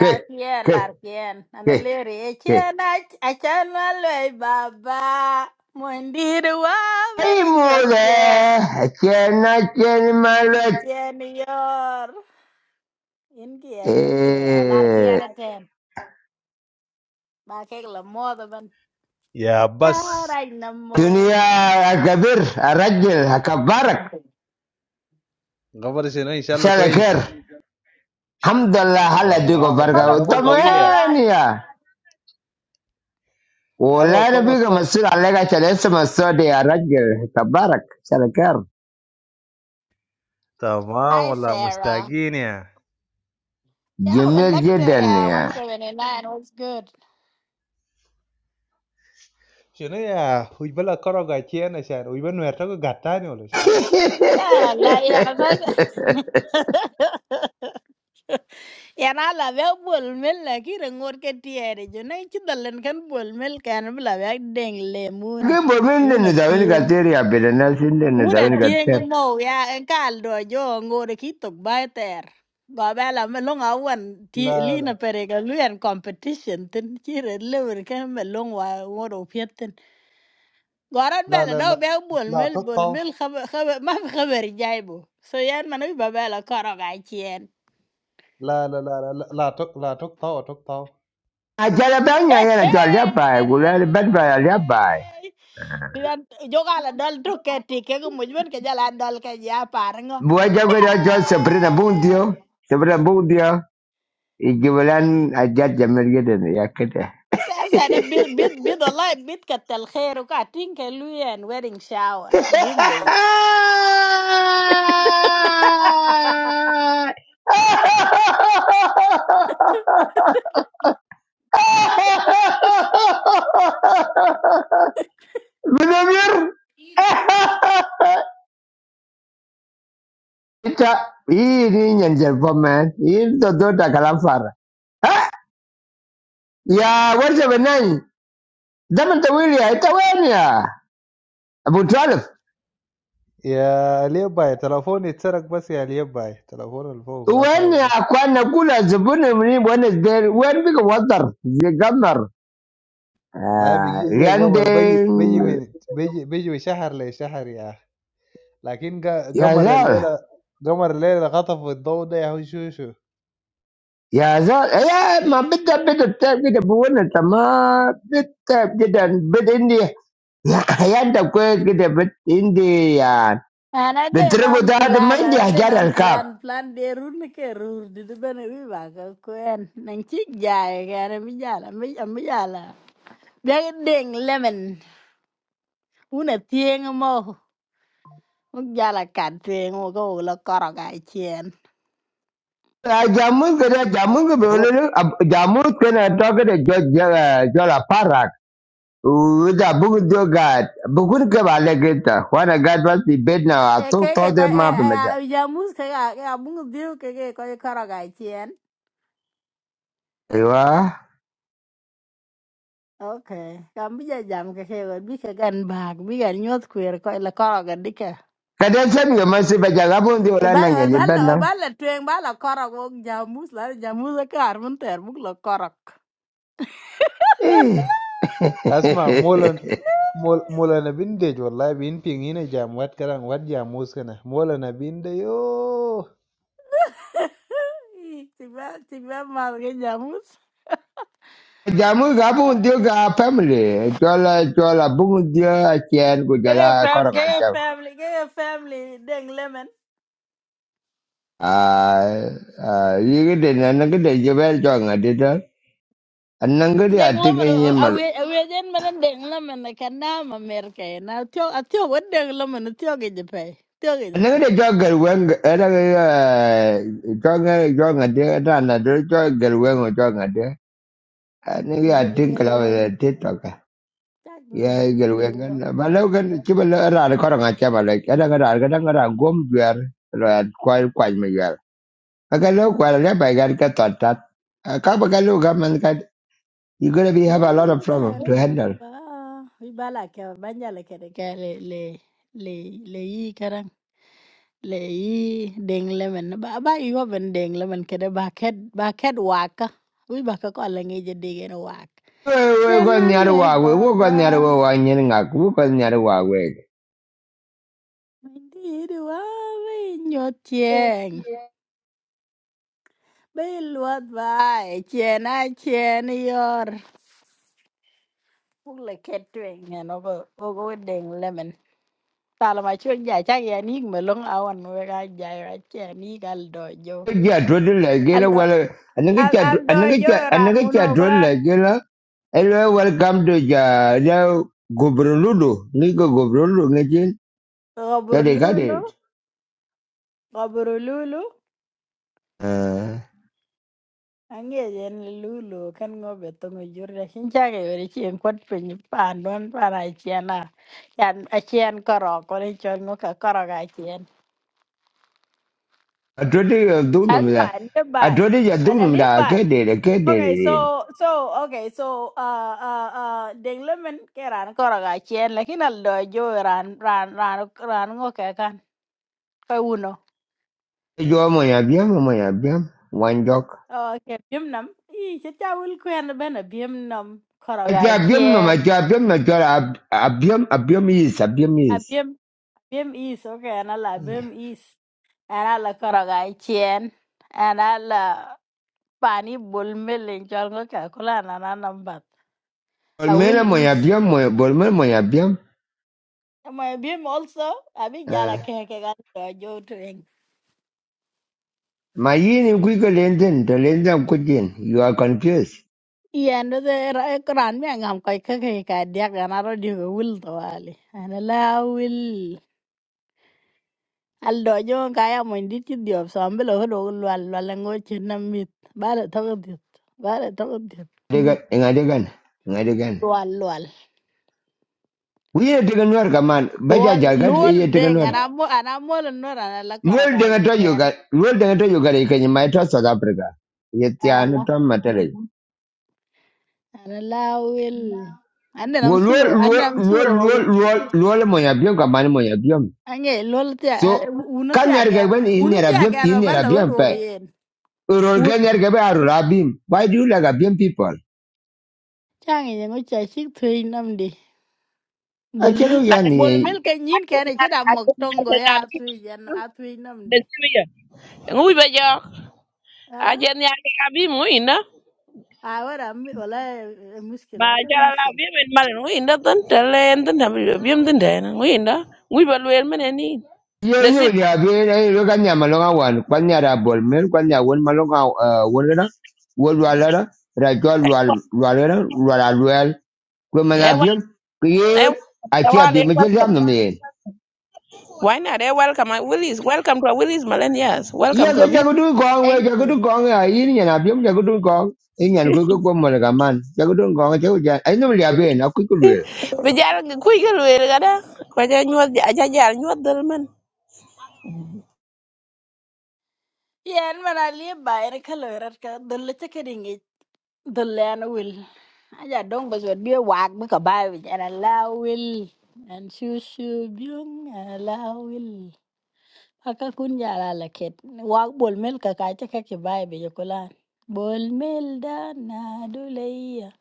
ke ke
larkien.
ke
Analiri,
ke.
echen achan walwey baba. Mwendir wabe
Hey
inyot
mole
chen.
chena chen malet.
Chen yor. Inkien, inkien. Larkien
Eh
eten. Bakek la modo ban.
يا عباس
Karaj namo.
dunia akabir arajil akabarak
خبر شنو ان شاء الله كويس
shalakir. Alhamdulillah hala digo
تمام
barka.
والله
Kabar
زمن
kullu
طويل يا
khairat.
Tamania.
حلو
والله
كم
بقى
الساعة
مسؤول عليك عشان اسم السوداء يا رجل، تبارك شكر
تمام
Hi
والله
Sarah.
مشتاقين يا
Yeah, we
جميل
elected
جدا
yeah,
يا
179 was good.
شنو يا ويبلا كرة قاتينا شان ويبلا نويرتكو قاتاني ولا شنو
Well, I like yeah, and I said- yana la ve bol mel la ki re ngor ke tiere jo ne ki dalen kan bol mel kan bla ve deng le mun
جيبوا من
una
النزاوين
tieng
كتير يا بين الناس من
una
النزاوين
tieng
كتير
mo ya en kal do jo ngor e ki tok bai ter ba ba la me long awan ti
لا
li na pere ga luen competition tin ki re le wer kan me long wa ngor o pieten gorat
لا
bela
لا
do
لا
be bol
لا
mel bol
تقطع
mel khab khab ma fi khabar jaibo so yan manu ba ba la koro ga
لا لا لا لا لا تق- لا تقطع وتقطع
عشان بانيا يا نجوال يابا يقول لي بدفع يا يابا
Bidan yo gala dal to ke ti ke ko mujben ke jala dal ke ya parngo.
بوجه كده جوال سبرينا بونديو سبرينا بونديو يجيبوا لنا أجيال جميل جدا يا كده
Asa asa da bid bid bid wallahi bid ka tal khair ka tin ke luyen wedding shower room date.
بنمير Ita hii ni nyenje man. to mtoto takalafara. Ha? Ya wacha benani. Dama tawilia ita wenya. Abu Talib.
يا اليباي تلفوني اتسرق بس يا اليباي تلفون اللي فوق لا
Wenya
حوزة
kwana kula zubuni mni bwana zder. Wen biko water. Ze gamar.
لا
Ah,
بيجي زي قمر
Liande
بيجي بيجي من بيجي بيجي من شهر لشهر يا أخي. لكن ج-
ya
قمر
zal.
الليلة قمر الليلة خطف الضوء ده يا هو شو شو
Ya zal. Ya ma bita bita tab kita buwana tama bita kita bita India. Ya yanda kwe kita bita India.
Ana de
Bitrebu
nam
da da
plan,
maindi
ana de
hajar
nam
al
plan, plan de run ke rur di tu bene wi ba ka kwen. Nan chi jay ke ana mi jala mi am mi jala. Dang ding lemon. Una tieng mo. jala kat tweng wo ko lo koro ga chien
Ah, Jamus kada jamus ke boleh
هو-
jamus kena tak ada jual jual parak. Uda buku juga buku ke balik kita. Wana gad pasti bedna na
e
atau
kege
tahu
ko
deh
e
maaf macam.
a jamus ke ga ga bungu diu kege ko e kara ga chien
Iya.
okay kam bi ja jam ke ke go bi ke gan bag bi gan nyot kwer ko lo koro ga dike
Kadang saya juga masih baca gabung dia
or
orang
bal
nanya
or
je
bal or
benar.
bal la tweng bal la kara go jamus la jamu za kar mun ter bu lo korok
Eh.
اسمع مولانا مول- مولانا بندج والله بنتين هنا جاموات كلام وات جاموس كنا مولانا بندج يوه
ti ba ti be mal ge jamus
Jamu gabung dia ke family. Jual jual buku dia kian ku
Get
jual
your
ah,
fam,
korang
get your
macam.
family, get your family, dang lemon.
Ah, ah, ini ke dia nak ke dia jual jual ngadil. Anangadi
Deng
atik
lemon awe
nyimal.
awe jen mana deng lemon na kana ma merke na tio atio wa deng lemon tio ge je pe tio ge je pe
Anangadi jogar weng era jonga jonga de rana de jogar weng jonga de. Anangadi atik kalau
Gelwen,
ada TikTok. ah.
tak ni
Ya
jadi
jogar weng kan.
gelwa.
Balau kan coba lo rana korang aja balik. Ada ada ada ada gom biar lo kuai kuai mejar. Kalau kuai le bayar ke totat. Kapa kalau kaman kan you gonna be have a lot of
Yeah,
problem to
chan
handle.
baba. Wi bala ke banja le kere. ke le le le le yi karang le yi deng lemon na ba ba yi wa ben deng lemon ke de ba ket ba ket wa ka wi ba ka ko la ngi je de ge
We we
Trên
go
văn
nyari
luyện
wawe, we
bà
we go nyari
bà,
wawe nyeri ngak, we go nyari wawe.
mình đi đâu á với nhiều chuyện. Bây luật vài, chuyện ai chuyện yêu. Phúc là kết truyện nghe nó có có có đèn lên mình. Ta là mà chuyện giải chắc yên yên mà lông áo ăn với cái giải ra chuyện yên gà đòi dô.
ja dwedi
Al
legela wala ananga ja
al đòi
ananga
dô
ja
ran
ananga ja
uno
dwedi
gran.
legela hello welcome to ja ja gobroludo ni go gobroludo ngajin
Gobru
kade
lulu,
kade
gobru lulu.
eh
Angechen lulu kan ngobe tongo jur ya hinchake yore chien kwat pinyi pandon pana chien a chan a chien korok kore chon ngoka korok a chien
adwedi ya dunum
asma
la
nearby
adwedi ya
a
dunum da
nearby
kade
okay
kade
so so okay so uh uh uh deng lemon ke ran korok a chien lakin al do jo ran ran ran ran ngoka kan kai uno
jo mo ya biam mo ya biam wanjok
okay bim nam i chacha wil kwen bena bim nam korok a
aja biam no
chien
ma ja biam no ja abiam abiam is abiam is
abiem abiem is okay ana la abiem is ana la koroga chien ana la pani bul melin chol ngo ka kula na na number a will
bolmela mo ya
is
biam mo bolmela mo ya biam
my abiem also abi
eh
jala ke ke ga to jo tring
Mayin quick lenten to lenten kuchin. You are confused.
yen de ra kran me ngam kai ke ke ka dia ga na ro di go will to ali ana la will al do jo ka ya mo ndi ti diop so ambelo ho do lwal lwal ngo chen na mit bare to dit bare to dit
Digan,
mit
ngadigan, ngadigan.
lwal lwal
We are taken work, a man. Baja
Luol
jagat, we are
luol
taken
deng
work.
ana mo ana mol nor ana la kora
Well,
ka
dengato
pier
yoga, well, dengato yoga, you can my trust South Africa. Yet,
ana la
yan, tom material.
ana la wil ande nam
Well,
suro
well,
ande
well,
nam suro
well,
wil
well, well, well, moyabium, kaman moyabium.
ange luol te
So,
uno te
can you get
agar
when in
uno
your
te
abium,
agar ma
in your
balla wod
abium
wo
pay?
yen
Urgan yargabe arabim. Why do you like abium people?
changi ne mo cha sik thui nam di
I
bol
tell
mel
you,
Na ka
bol
yan,
mel
ke
ka
a
nyin
ke
ka ne
nyar
cheda
a
mok
ke nyar
tongo
ke na
ya
bi.
thui jan a thui nam
De
di
si ya. Ngui ba jo. A
ah
je nyar ke ka bi mu ina.
a wara mi wala e, e
Ba
muskila kan
jala la
muskil
bi men mal ngui ina tan tele tan tan bi bi tan tan ngui ina. Ngui ba luel men ni Nasib,
Yesu yapira ilo kanyama lo kawan kwanya rabol mer kwanya won malo ka won gara won walara rajol wal walara wala luel ko
eh, wel-
manabim
eh,
kiyer akia
Tawali, eh, well,
bi
eh,
mejel yam
welcome.
no men
Why not? Eh, welcome. eh, Willis, welcome to a Willis Malen, yes. Welcome
iya
to
ga
a Willis.
jagudu gong we
thank
jagudu
you
gong ya ini yana bim jagudu gong ini yan ko ko mo le kaman jagudu gong che uja ai no le aben aku ko
Bijar ngi kuy ga lwel ga da. Ko ja nyuol ja ja jar nyuol dal man.
yen mana liye bayar ka loirar ka dalle The land will. Aja dong ba zuat bia wak ba ka bai bi jana la will. And shu shu byung and la will. Aka kun jara la ket. Wak bol mel ka ka cha ka ki bai bi jokolan. Bol mel da na duleya.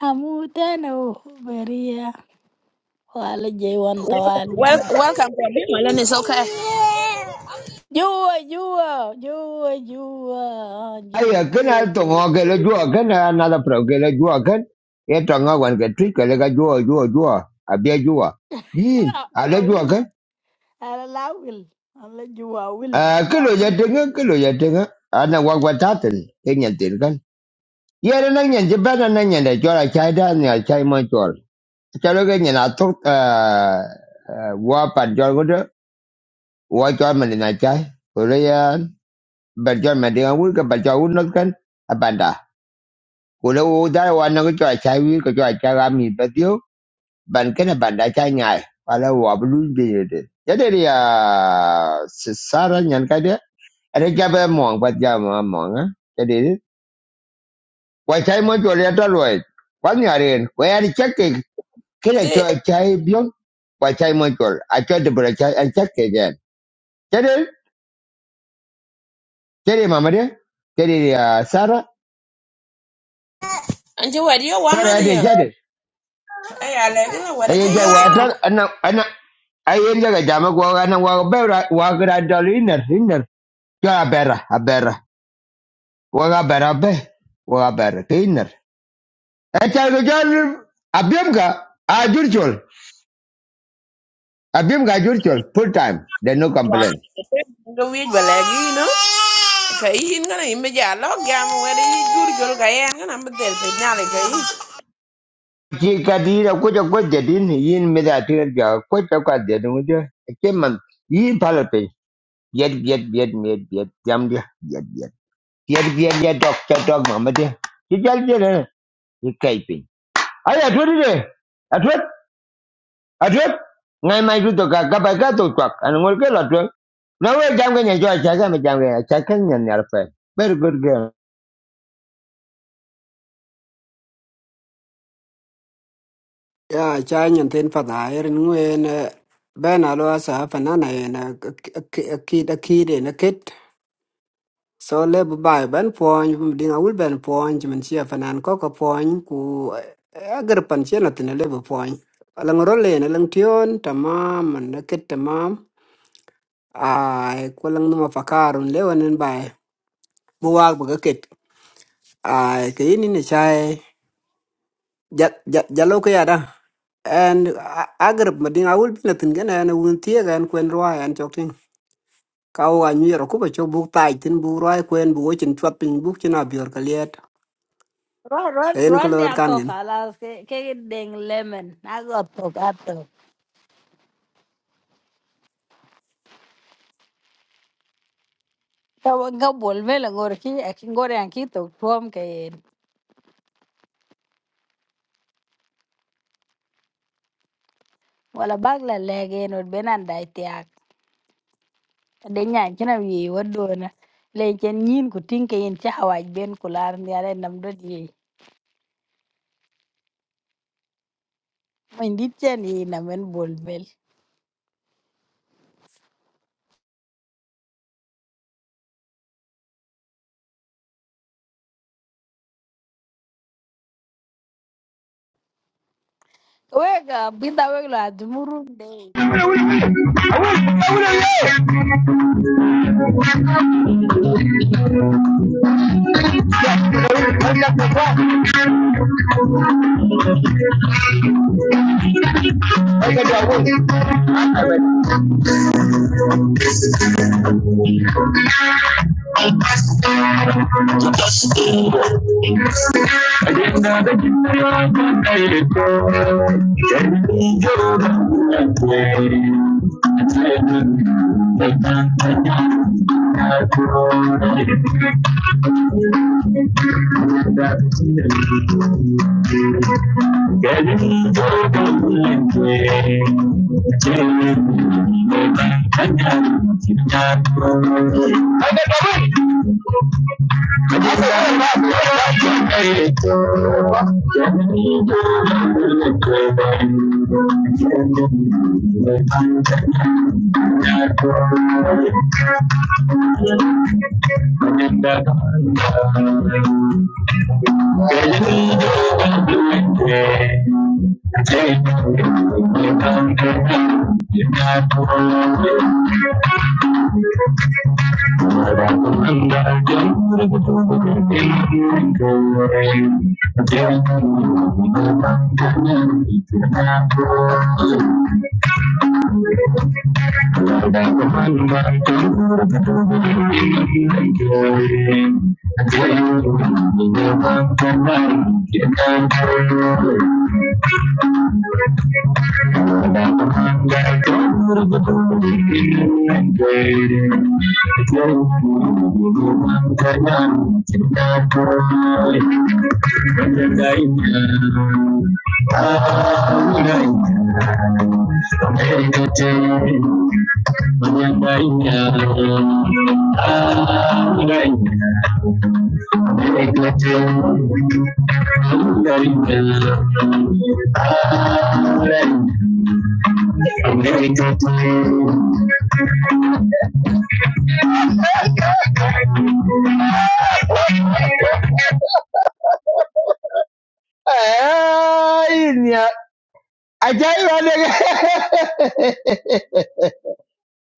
Hamuta na uhubaria. Wala jay wan tawali.
Wel welcome to a Willis Malen, it's okay.
Jua jua jua jua jua
Aya
jua
kana tongo
jua.
ke le jua kana another pro ke le jua kan e tongo wan ke tri ke le ga jua jua jua abia jua yin a le
I
jua
will.
kan
I la will. I la jua
a
will.
ke lo ya tenga ke lo ya tenga ana wa wa taten ke nyen ten kan yere na nyen je bana na nyen de jora chai da ni a chai mo jor chalo ke nyen a tok a wa pa jor go de wa jor ma na chai ko le ya ba jor ma de ngur ke ba jor un kan abanda kula wo da wa na ko chwa chai wi ko cha cha ga mi ba ban ke ban da cha nya ala wa bu bi de de ya de sara nyan ka de re ga ba mo ba ja mo mo nga ya de wa cha mo jo le ta lo kwa nya ren ko ya ri cha ke ke
You
le
good?
cha cha bi wa cha mo jo a cha de bra cha a cha ke gen ya de ya de ma ma de sara
Anji wadi yo wa
sara ya
mother
de
yo.
ya
Ay ale gi la wada ja
ja
yo.
wa ta ana ana I area ga jama go ga na wa be ra- wa ga dol inner inner ga bera a bera wa ga bera be wa ga bera ke inner e ta ga jol abim ga a jurchol abim ga jurchol full time they no
Wa
complain
ga wi ba le gi no. Ka yin ga na imbe ja lo ga wada yi jur jol ga yan ga na mbel pe nyale
ki ka di ra ko ja ko jadin yin me da ti ga ko ta ka de no de ke man yin palo pe yet yet yet yet yet jam dia yet yet yet yet yet dog dog mama dia ki jal dia ne ki kai pe aya to de Atwek, ngai mai tu to ka kapa ka to kwak, and ngol ke la twek. Na we jam ke nyen jo acha ka me jam ke acha ka nyen yar pe. Very good
ya cha nhận tin pa da er nguen bên alo sa pa na na na ki da ki de na kit so le bu bai ben pon đi din awul ben pon ji men sia có ko phong. pon ku agar pan sia na tin le bu pon alang ro le na lang tion tamam man na kit tamam ai ko lang no fakarun le wanen bai bu wa bu ga kit ai ke ni ne chai jalo ko yada and agrab madin awul bina tin gana na wun tie gan kwen roi an chok tin ka wa nyu ro ku ba chok buk tai tin bu roi kwen bu wo chin chwat pin buk chin a bior ka liet
Run, run,
ka en ko
run de
lor kan
ato
gen
kalas ke ke deng lemon nazo ato ato. Tawa nga bolve la ngor ki akin gore an ki to tuom ke wala bag la lege no benan dai tiak. De nya kina wi wadona. Le ken yin ku tin ke yin cha hawaj ben kular ni ale nam do di. Mo indi chen yi na men bolvel. Wega bida wega la dumuru de.
girl. Thank you. Thank you. Thank you. Ay, niya. Ajay, wala ka.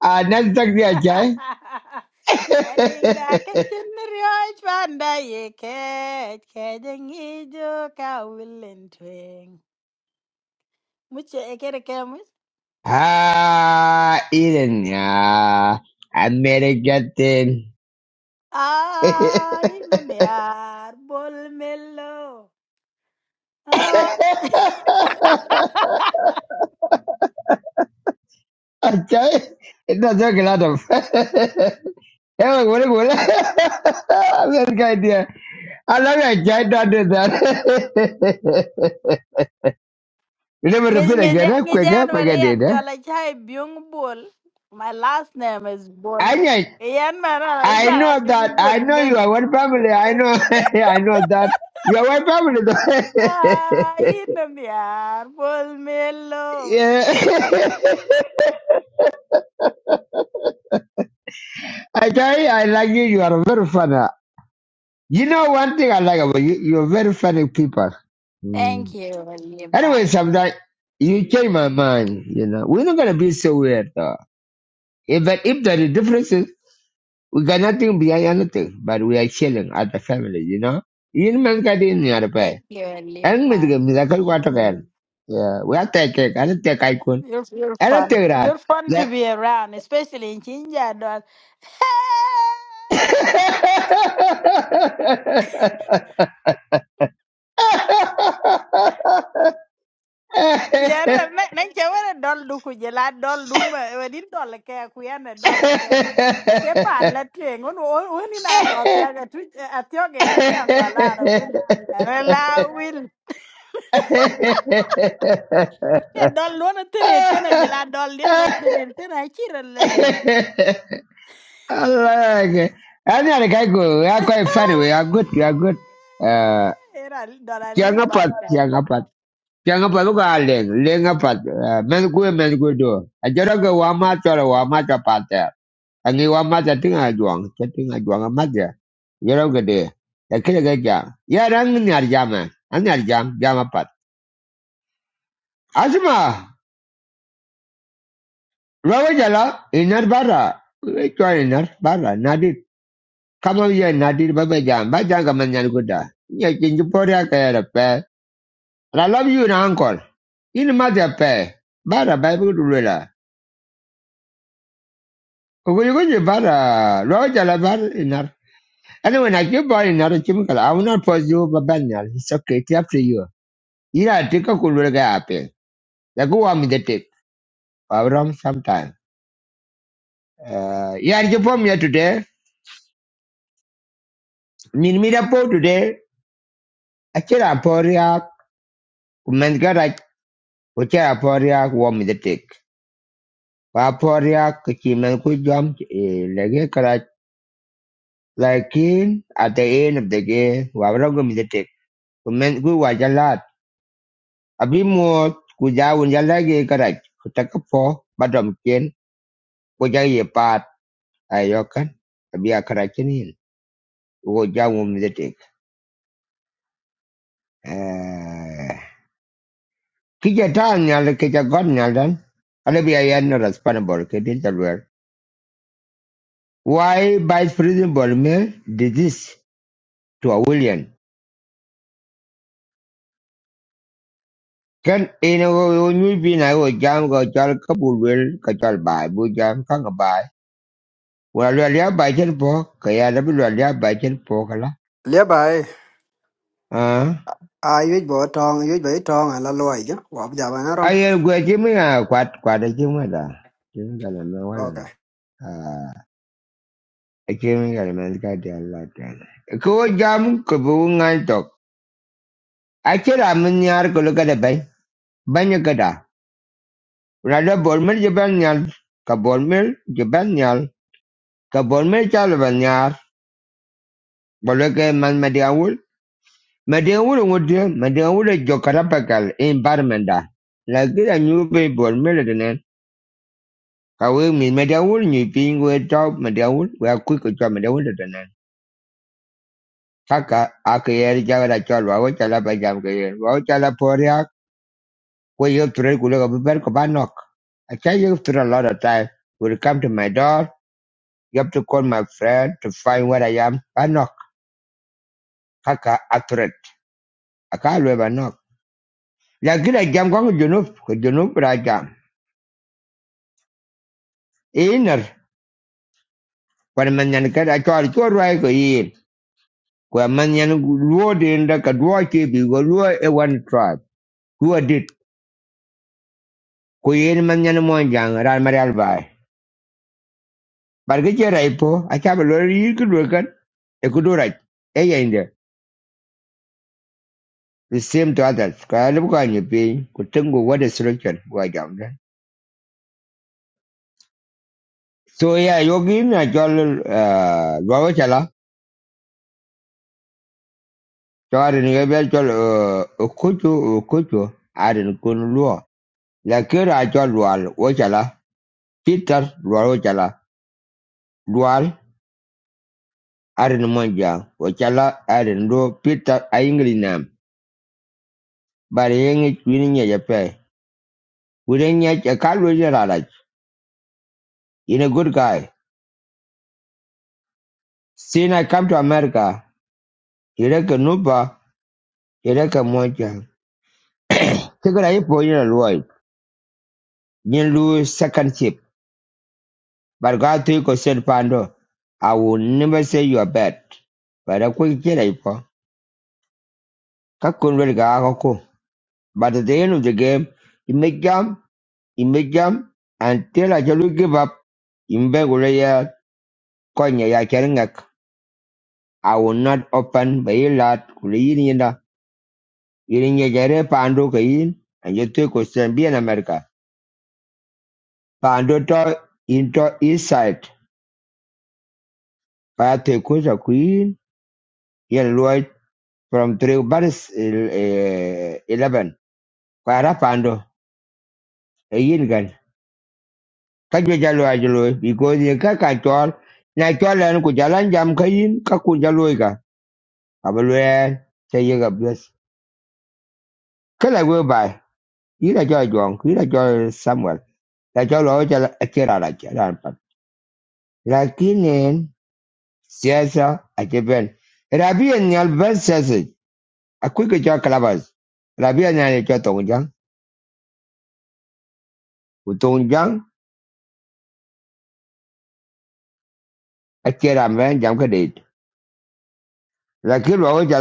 Ah, nasag niya, Ajay.
I Ading da ke chin rioj panda ye ke ke ding i jo ka wilin twing. Muche ekere ke much.
Ah, ilan niya. American din.
Ay na miar bol melo. Ah.
Ajay, ito sa gladam. Ewan, wala, wala. American niya. I love you, Ajay, don't do that.
Ngi
Never feel
ngi ja-
again,
ngi
quicker,
January
forget it.
an
eh?
chola chai byung bol. My last name is
I
Bol.
know,
Yan mara
I
jara
know that.
ting
I
bol
know you
mel.
are one family. I know, I know that. You are one family. though.
Ay na miar bol melo.
yeah. I tell you, I like you. You are very funny. You know one thing I like about you? You're very funny people.
Thank
Mm.
you,
Anyway,
Levi.
sometimes you change my mind, you know. We're not going to be so weird, though. If, but if there are differences, we got nothing behind anything, but we are chilling as a family, you know. You know, man, got in the other
Thank you,
en mi
Levi.
diga mi da kai kwato kayan we are take cake. I don't take icon.
You're, you're
I don't
fun.
take
You're
that.
fun to
Like-
be around, especially in Chinja doll. Hey! Yeah, nanche wala doll du kujela doll du ma wadi doll ke kuyana doll ke. Aje pan la tring on on in ango tiaga tu atioge na bi ango la will. Ara la will. Ye doll lona teret kena jela doll de la tere tere achira la le.
I like it. I'm not a te ke ka te kai kun ana te rat da Allah, any other guy go? We are quite funny. We are good. We are good. Uh,
and I, that I
young
live by
up, Pianga pa luka leng, lenga pa, men kue men kue do. A ke wa ma chora wa ma cha pa te. A ngi wa ma cha tinga juang, cha juang a ya kira ke jam. Ya rang ni ar Ani eh, jam, jam Asma, rawa jala, inar bara. Ue inar bara, nadir. Kamu ya nadir bapa ba jam, ba jam ka man kuda. Ya kinji poria ke ya pe. But I love you na uncle. In ma cha Bara ba ibu dulu lah. Will go you bar uh Roger bar in her. And when I give bar in her chemical, I will not force you but It's okay, it's up to you. Yeah, Tika a cool little apple. The go on wrong sometime. Uh yeah, you from here today. Mean me up today. I chill up for ya men got like which are for ya kujam. with the like in at the end of the game, Wabrogo with the take. Men good was Abimot ku jawun jalage karach kutakapo badom ken ko jaye pat ayokan abi karachinin ko jawum zetek eh kija tan nyal kija gon nyal dan ale bia no responsible ke din why by prison bol me disease to a william kan ene wo nyu bi na wo jam go jal kabul wel ka jal bai bu jam ka ga bai wa lo po ka ya le bu lo po kala
le bai
Ah.
a yu bo tong yu bo tong la loi ja wa ja ba na rom
Ayer gwe jimi ya kwat kwat jimi da. Jimi da na me wala.
ok
Ah, jimi da me ka da Allah ta. Ko jam ko bu ngai tok. Ache la mun yar ko lo kada bai. Banya kada. Ra da bol mer je ban nyal. Ka bol mer je ban nyal. Ka bol mer cha lo ban yar. Bolo ke man ma dia wul. Ma dia wul ngudi, ma dia wul jo kada pakal environment da. La gira nyu be bol mer da Ka wek min medawul nyi piny wek tau medawul wek akuc ke cɔ medawul tetenen. Kaka ake yer jawar acɔl wa wek cala ba jam ke yen. Wa wek cala por yak wek yek thuret ku lek obi ber ke banok. nok. Acha yek through a lot of time will come to my door. You have to call my friend to find where I am. Banok, knock. Kaka a threat. I can't live a knock. Lakini jam kwangu junub, kwa junub ra jam. Inar, kwa manyan kada chwari chwari wai kwa yin. Kwa manyan luo dinda ka duwa chibi, kwa luo e one tribe. Who did Kuyen Manyan Monjang Ran Marial by Bargaja Raipo, I have a lorry you could work at a good right. Aya in there. The same to others. Kalabu and you pay could think of what a solution go down there. So yeah, Yogin I told uh Bavachala, Tor and Yabel Chol uh Ukutu Ukutu Adan Kun Lua. La Kira Chol Wal Wachala, Peter Wal Wachala, Dual Adan Monjang, Wachala Adan Lu Peter Ainglina but he ain't winning your pay. We didn't yet a car with your He's a good guy. Since I come to America, he like a nuba, he like a mocha. Take a hip for your lawyer. You lose second chip. But God took a said pando. I will never say you are bad. But I quick get a po. Kakun will go. But at the end of the game, he make jump, he make jump, until I just give up. In bed, will I, uh, coin, yeah, yeah, carrying a- I will not open by a lot. Irin yejere pando kain and yetu question bi in America. Pando to into inside pa te kuza queen yen loy from three baris eleven. Para pando e yin gan. Kajwe jalo ajalo because ye ka ka chol na chol an ku jalan jam kain ka ku jalo ka. Abalwe te ye ga bes. Kala we bai. Ira jo jong, ira jo Samuel. La cholo jala kera la chera. Lakin siasa a ke ben rabia nyal ban siasa a ku ke kalabas rabia nyal ke tongjang. ngjang ku to a ke ramen jam ka de la ke lo ja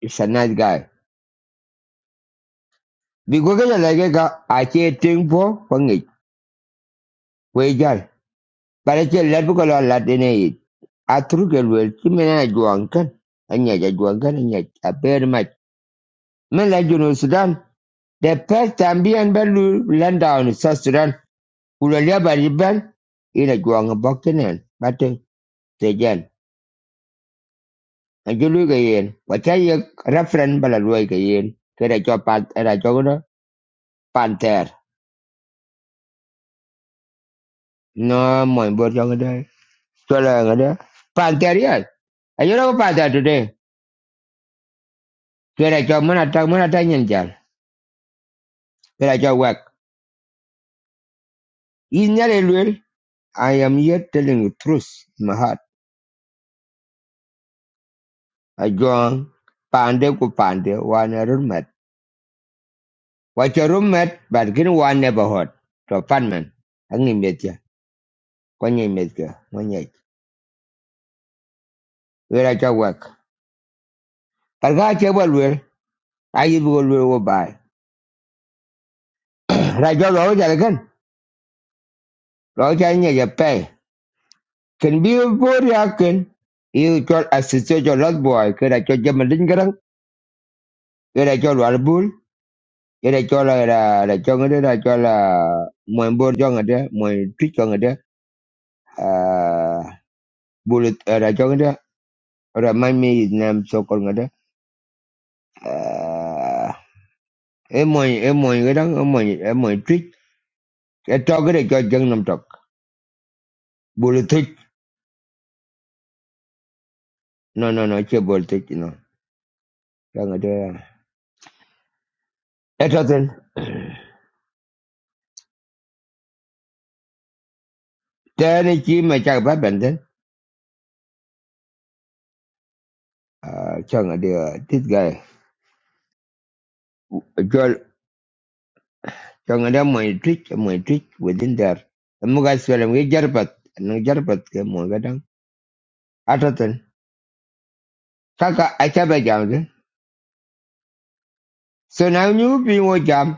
is a nice guy bi go ke la ke ka a ke ting po ko ngi we jar bare ke la bu ko la la de ne yi a tru ke lo ki me na kan anya ja jo kan anya a ber ma men la juno sudan the first time bi an land down south sudan Unajua Bariban ina juanga bokkinen bate sejan anjulu ga yen wata ye referen bala luai ga yen kera jo pan era jo gna panter no moy bor jo gna chola gna panter ya ayura ko panter today kera jo mana ta mana ta nyen jar kera jo wak is nyare luel i am here telling the truth in my heart a jong pande ku pande wan rumet wacha rumet but kin wan neighborhood to panman kwenye imezga mwenye wera cha work. targa che balwer ayi bu golwer wo bai rajo lo ja gan lo cha nye je pe ken bi bor ya ken i to asise jo lot boy ke ra cho jam din garang ke ra cho lwar bul ke ra la ra ra cho ngade ra cho la moy bor jo ngade moy tri jo ngade ah bullet ra cho ngade remind me his name so called ngade ah e moy e moy garang e moy e moy tri e to gre cho jang nam Bullitich. No, no, no, chưa Bullitich, no. Cho người đưa. Ê, thôi tin. Thế nên chỉ mà chắc bắt bệnh thế. À, cho người đưa thích gai. Cho, cho người đưa mười trích, mười trích within there. Em gai xưa làm cái jarpat. Nó jarpat cái mùi cái đăng. Ê, thôi tin. Các cái ai chá bài jam thế. So now you be wo jam.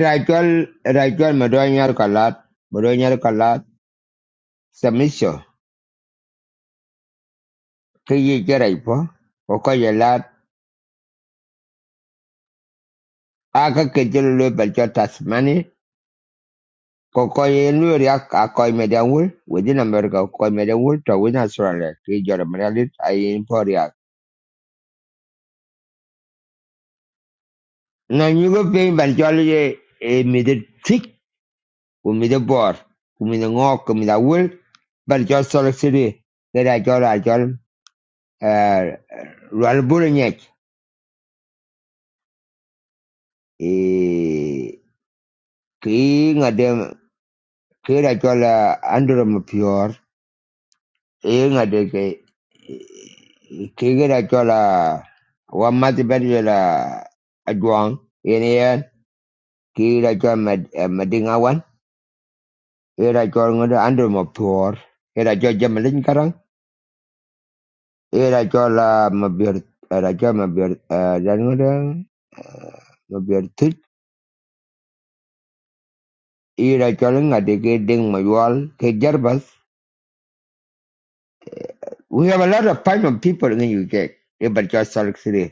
Rachel, Rachel mà đôi nhau cả lát. Mà đôi nhau cả lát. Samisho. Cái gì chá rạch phó. Có coi lát. À, các cái chân lưu bạch cho Tasmania. Kokoye luri akoi media wul within America koi media wul to win Australia ki jor Australia ai imporia. Na nyugo pe ban jolly e e mide tik u mide bor u mide ngok u mide wul ban jol solo sidi keda jol a jol eh rual bulinyek e ki ngadem keda jol andro inga de ke kigira chola wamati bedwela ajuang ini yan kira chol med- eh, medingawan ira chol ngodo andur moptor ira chol jamalin karang ira chol ah, mabir ira chol mabir eh, dan ngodo mabir tuj ira chol ngade ke ding mayual ke jarbas we have a lot of time people in UK just ira chol call siri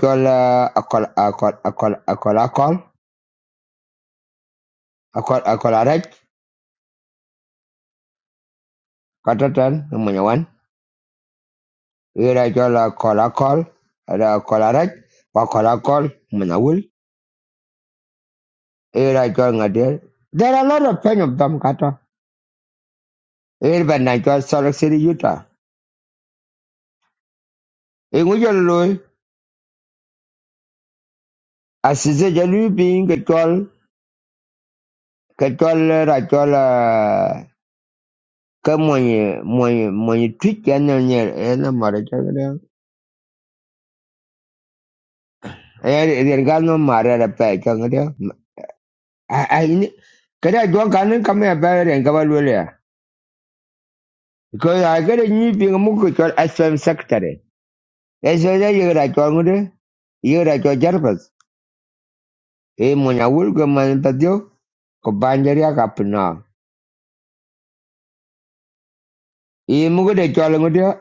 call chol call akol call akol call. I call. Akol akol arach katatan manyawan era chol akol akol ada akol arach kwa akol akol manyawul era chol There are a lot of pen of them kata. Era ban na chol Salt Lake City Utah. Ingu chol loy asise jalu ping ke chol ke chol ra chol ah, ke mwenye mwenye mwenye twitch ya nyo mara chol ngadir. Eh, mara ra pe chol ngadir. Ah, ah, ini- Kada juan kanin kama ya bayar yan gaba Because I got a new thing, Mukuchal FM secretary. That's why they are like Congress, you like your jarvis. A Munawulka Mantatio, Kobandaria Kapuna. A Mugude Chalamudia,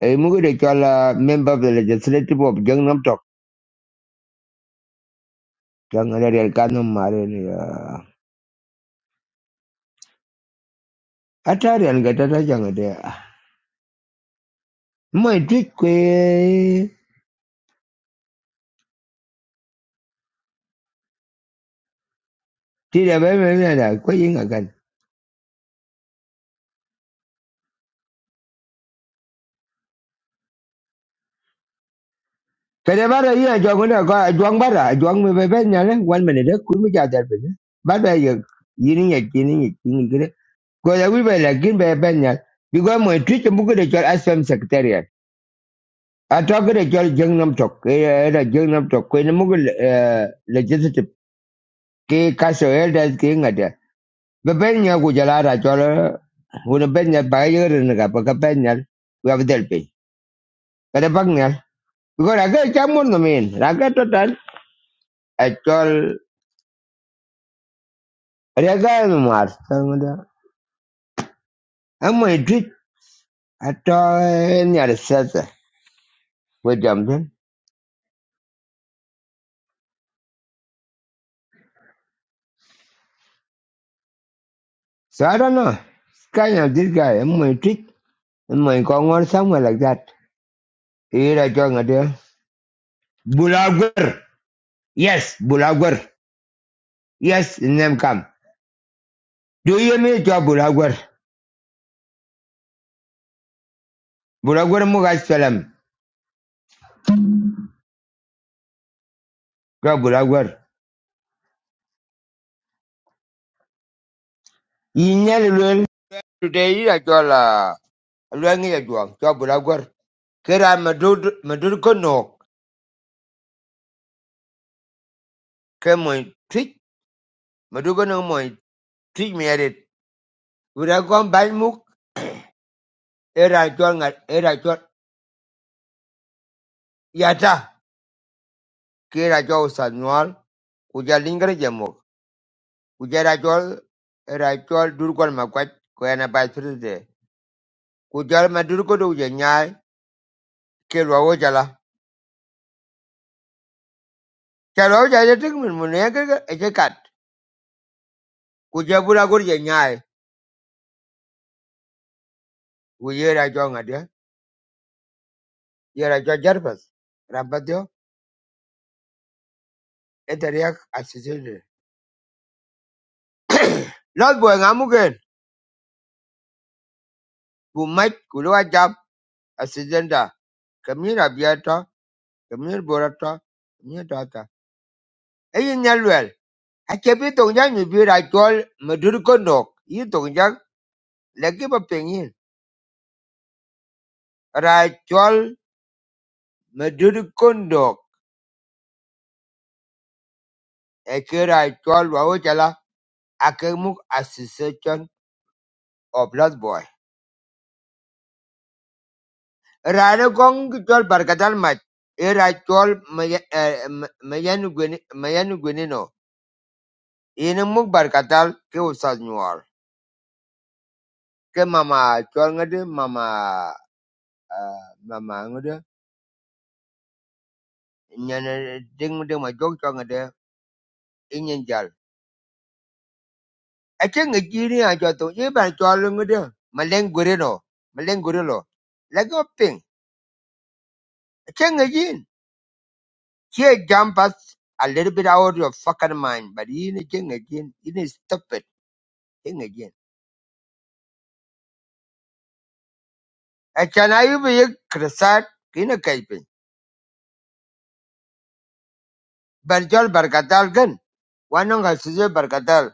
a Mugude Chala member of the legislative of Gangnam Tok. Janganarial Kanam Marin. Atari and Gatata Jangadia. My trick, Tida Bemana, Quaying Kede bara iya juang mana ko juang bara juang me bebe nyale wan mene de kur mi jadar be. Bara ye yini ye yini ye yini gere. Ko ya wi be la gin bebe nyal. Bi go mo twitch mu gede jol asem secretariat. A to gede jol jengnam tok. E da jengnam tok ko ne mu gede legislative ke kaso elders ke ngada. Bebe nya ku jalara jol hu be nya ba ye re ne ga ba ka be nyal. Wa be del be. Kede bag nyal. Bi go ra ga chamon no min. Ra ga total a jol Reggae Mars, Canada. I'm a tweet at near Seth with Jamden. So I don't know. It's Kind of this guy, I'm a tweet, I'm a Kong or somewhere like that. Here I go, dear. Bulagwer. Yes, Bulagwer. Yes, his name come. Do you mean to Bulagwer? Bulagwer Mugas Salam. To Bulagwer. You never will. Today, I told a language at one. To Bulagwer. Kera Madur Madurko no. Came on tweet. Madurko no my teach me at it. Would I go by Mook? Era John at Era John Yata, Kira Joe Sanual, Uja Linger Jamok, Ujara Jol, Era Jol Durgon Maquat, Koyana by Thursday, Ujal Madurko do Janyai, Kilwa Ojala. Chaloja, the Tigman Munega, a jacket, Ujabura Gur Janyai, Ujera John at ya, Yera John Jarvis, Rabadio, Etariak Assistant. Lord Boy Amugan, who might Kulua Jab, Assistant, Kamira Kimil Borato, Kimil Tata. Eyi Nyalwel, achepi tongjang nyubir achol medur kondok. Yi tongjang lagi papengin. Rachol medur kondok. Eke rachol wawo chala akemuk association of blood boy. Rane kong kichol barkatal mat. E rachol mayanu gwenino. Ini muk barkatal ke usaz nyuar. Ke mama chol ngadi mama ah, mama ngade nyana ding ding ma jok cho ngade inyen jal ache ngaji ni a cho to ye ban cho lu ngade maleng gorelo maleng gorelo lego ping ache ngaji che jumpas a little bit out of your fucking mind but you need to again you need to stop it thing again a chana yu be krasat kina kai pin barjol barkatal gan wanong ga sije barkatal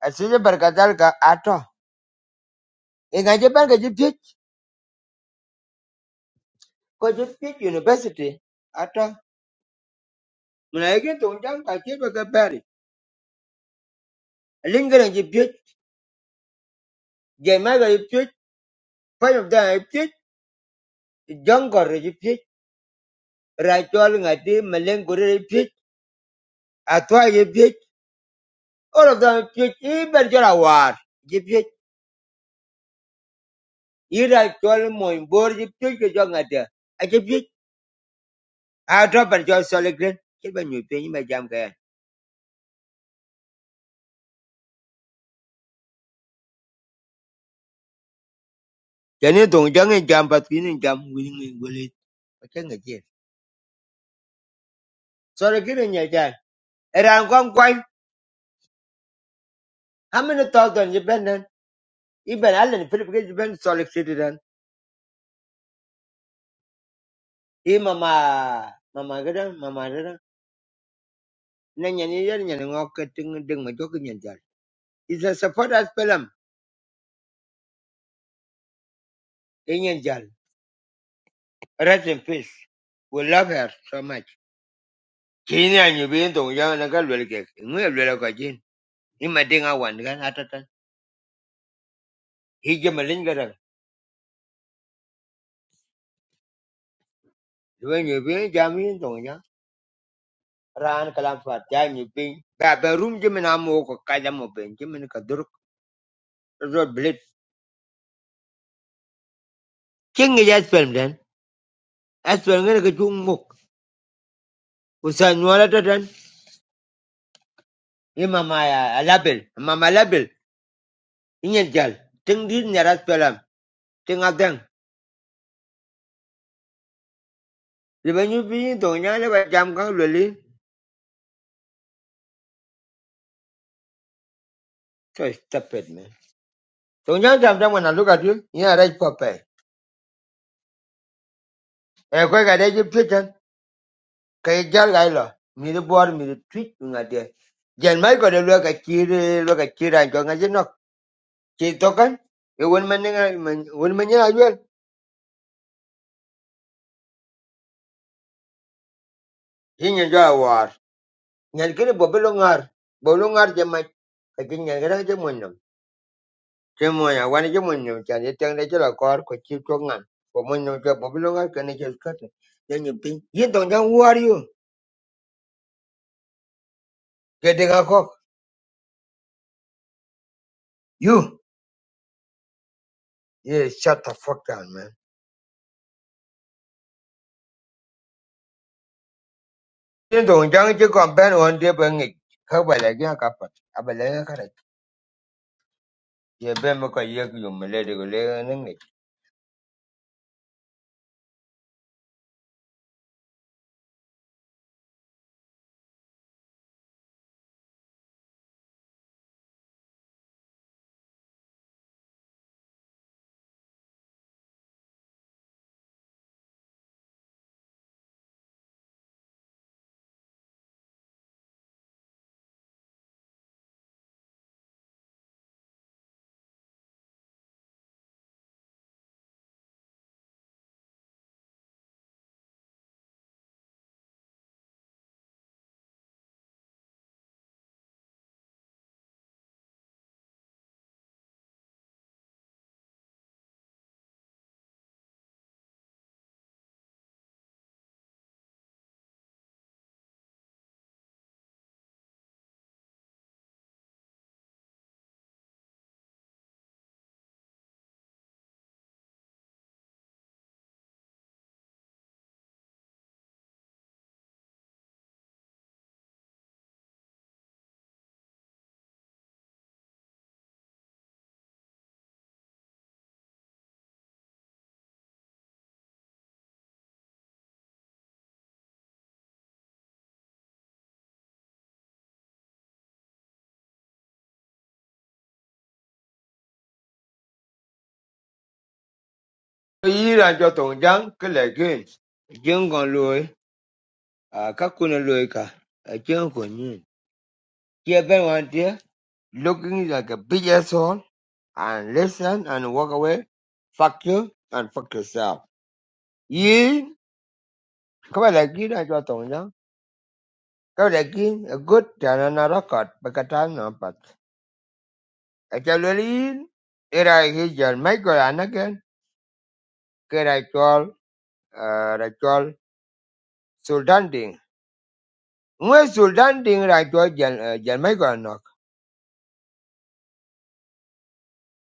a sije barkatal ka ato e ga je ban ga je pit ko je pit university ato Menaikini tungjang kakir baka pari. Lingkaran ji piuch, jemaga ji piuch, payam dana ji piuch, jongkor ji piuch, rachol ngati, malengkuri ji jipit atwa jipit all of them piuch, iber jola war ji piuch, irachol moimbor ji piuch ke jipit ngati. Aji piuch, atwa bar jol soligren, kirba nyu piuch ima jam kaya. Jani tungjang ni jam patkini jam wili ngi wili, pacha ngajir. Soligren nyajan, erang kwan kwan, how many thousand ji benden? Iban allen Philip ke ben solik city dan. I mama mama gadan mama gadan. Nanya ni yan nyan ngok ke ting ding ma jok nyan jal. Is a support as pelam nyan jal. Rest in peace. We love her so much. Kini an yu bin tong jang na kal wel ke. Ngwe wel ka jin. I ma ding awan gan atatan. Hi je malin gadan. Wen yu bin jam yin tong jang. Ran kalam fat jam yu bin. Ba ba rum je mina mo ko kajam mo ben je mina ka duruk. Rod blade. King is as pelam dan. As pelam ngan ka chung mo. Usanyuola to tan i ya label mama label inyen jal ting di nyaras pelam ting adeng liba nyu bi leba jam kang loli so stupid man tong nyang jam jam when I look at you ina rej popai e kwe ka rej pyo tan ka i jal gai lo mi di bor mi di twitch nga de jen mai ko de lo ka chiri lo ka chira jo nga jinok chi tokan e won man nga man nya ayel inyen jo war nyen kini bobelo ngar bobelo ngar jema ka jin nyen Ti mo ya wani ji mo nyu cha ye teng de chila kor ko chi cho ngan. Ko mo nyu cha bo bilo ga ken che ka te. Ye nyu pi. Ye dong jang who are you? Ke de ga ko. You. Ye shut the fuck down man. Ye dong jang ji kon ben on de ben ngi. Ka ba le ga ka pa. A ba le ga ka re. Ye ben mo ko ye ku yum le de go le ne ngi. Yi ran cho dong jang ke le ge. Jing kon lui. A ka ku ne lui ka. A jing ko nyi. Ye ben on de looking like a big asshole. and listen and walk away. Fuck you and fuck yourself. Yin, kama lagi na jwa tong jang. Kama lagi a good tana na record bakatan na pat. Acha loli yin. Ira hi jan Michael anagen. Kera chol, uh, ra chol Sultan Ding. Ngwe Sultan Ding ra chol jan, uh, jan Michael nok.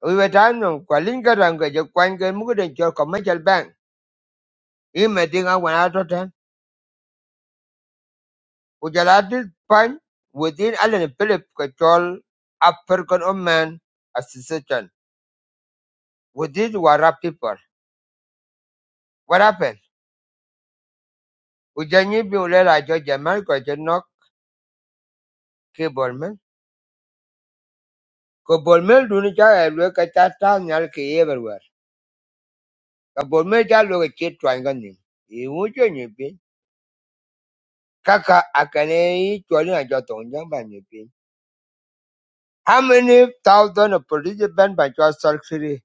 Wi wetan nung kwa linga ranga jo kwan ke mugu den chol commercial bank. Ime ding a wana وجلاد Bank within Allen Philip control African Women Association. With these Warab people. What happened? Ujanyi bi ulela Georgia man ko jenok ke Bolmel. Ko Bolmel duni cha elwe ka cha ta nyal ke everywhere. Ka Bolmel cha lo ke chit twan ga nim. E wujo nyi bi. Kaka akane i twali na joto njang ba nyi bi. How many thousand of participants by George Salkiri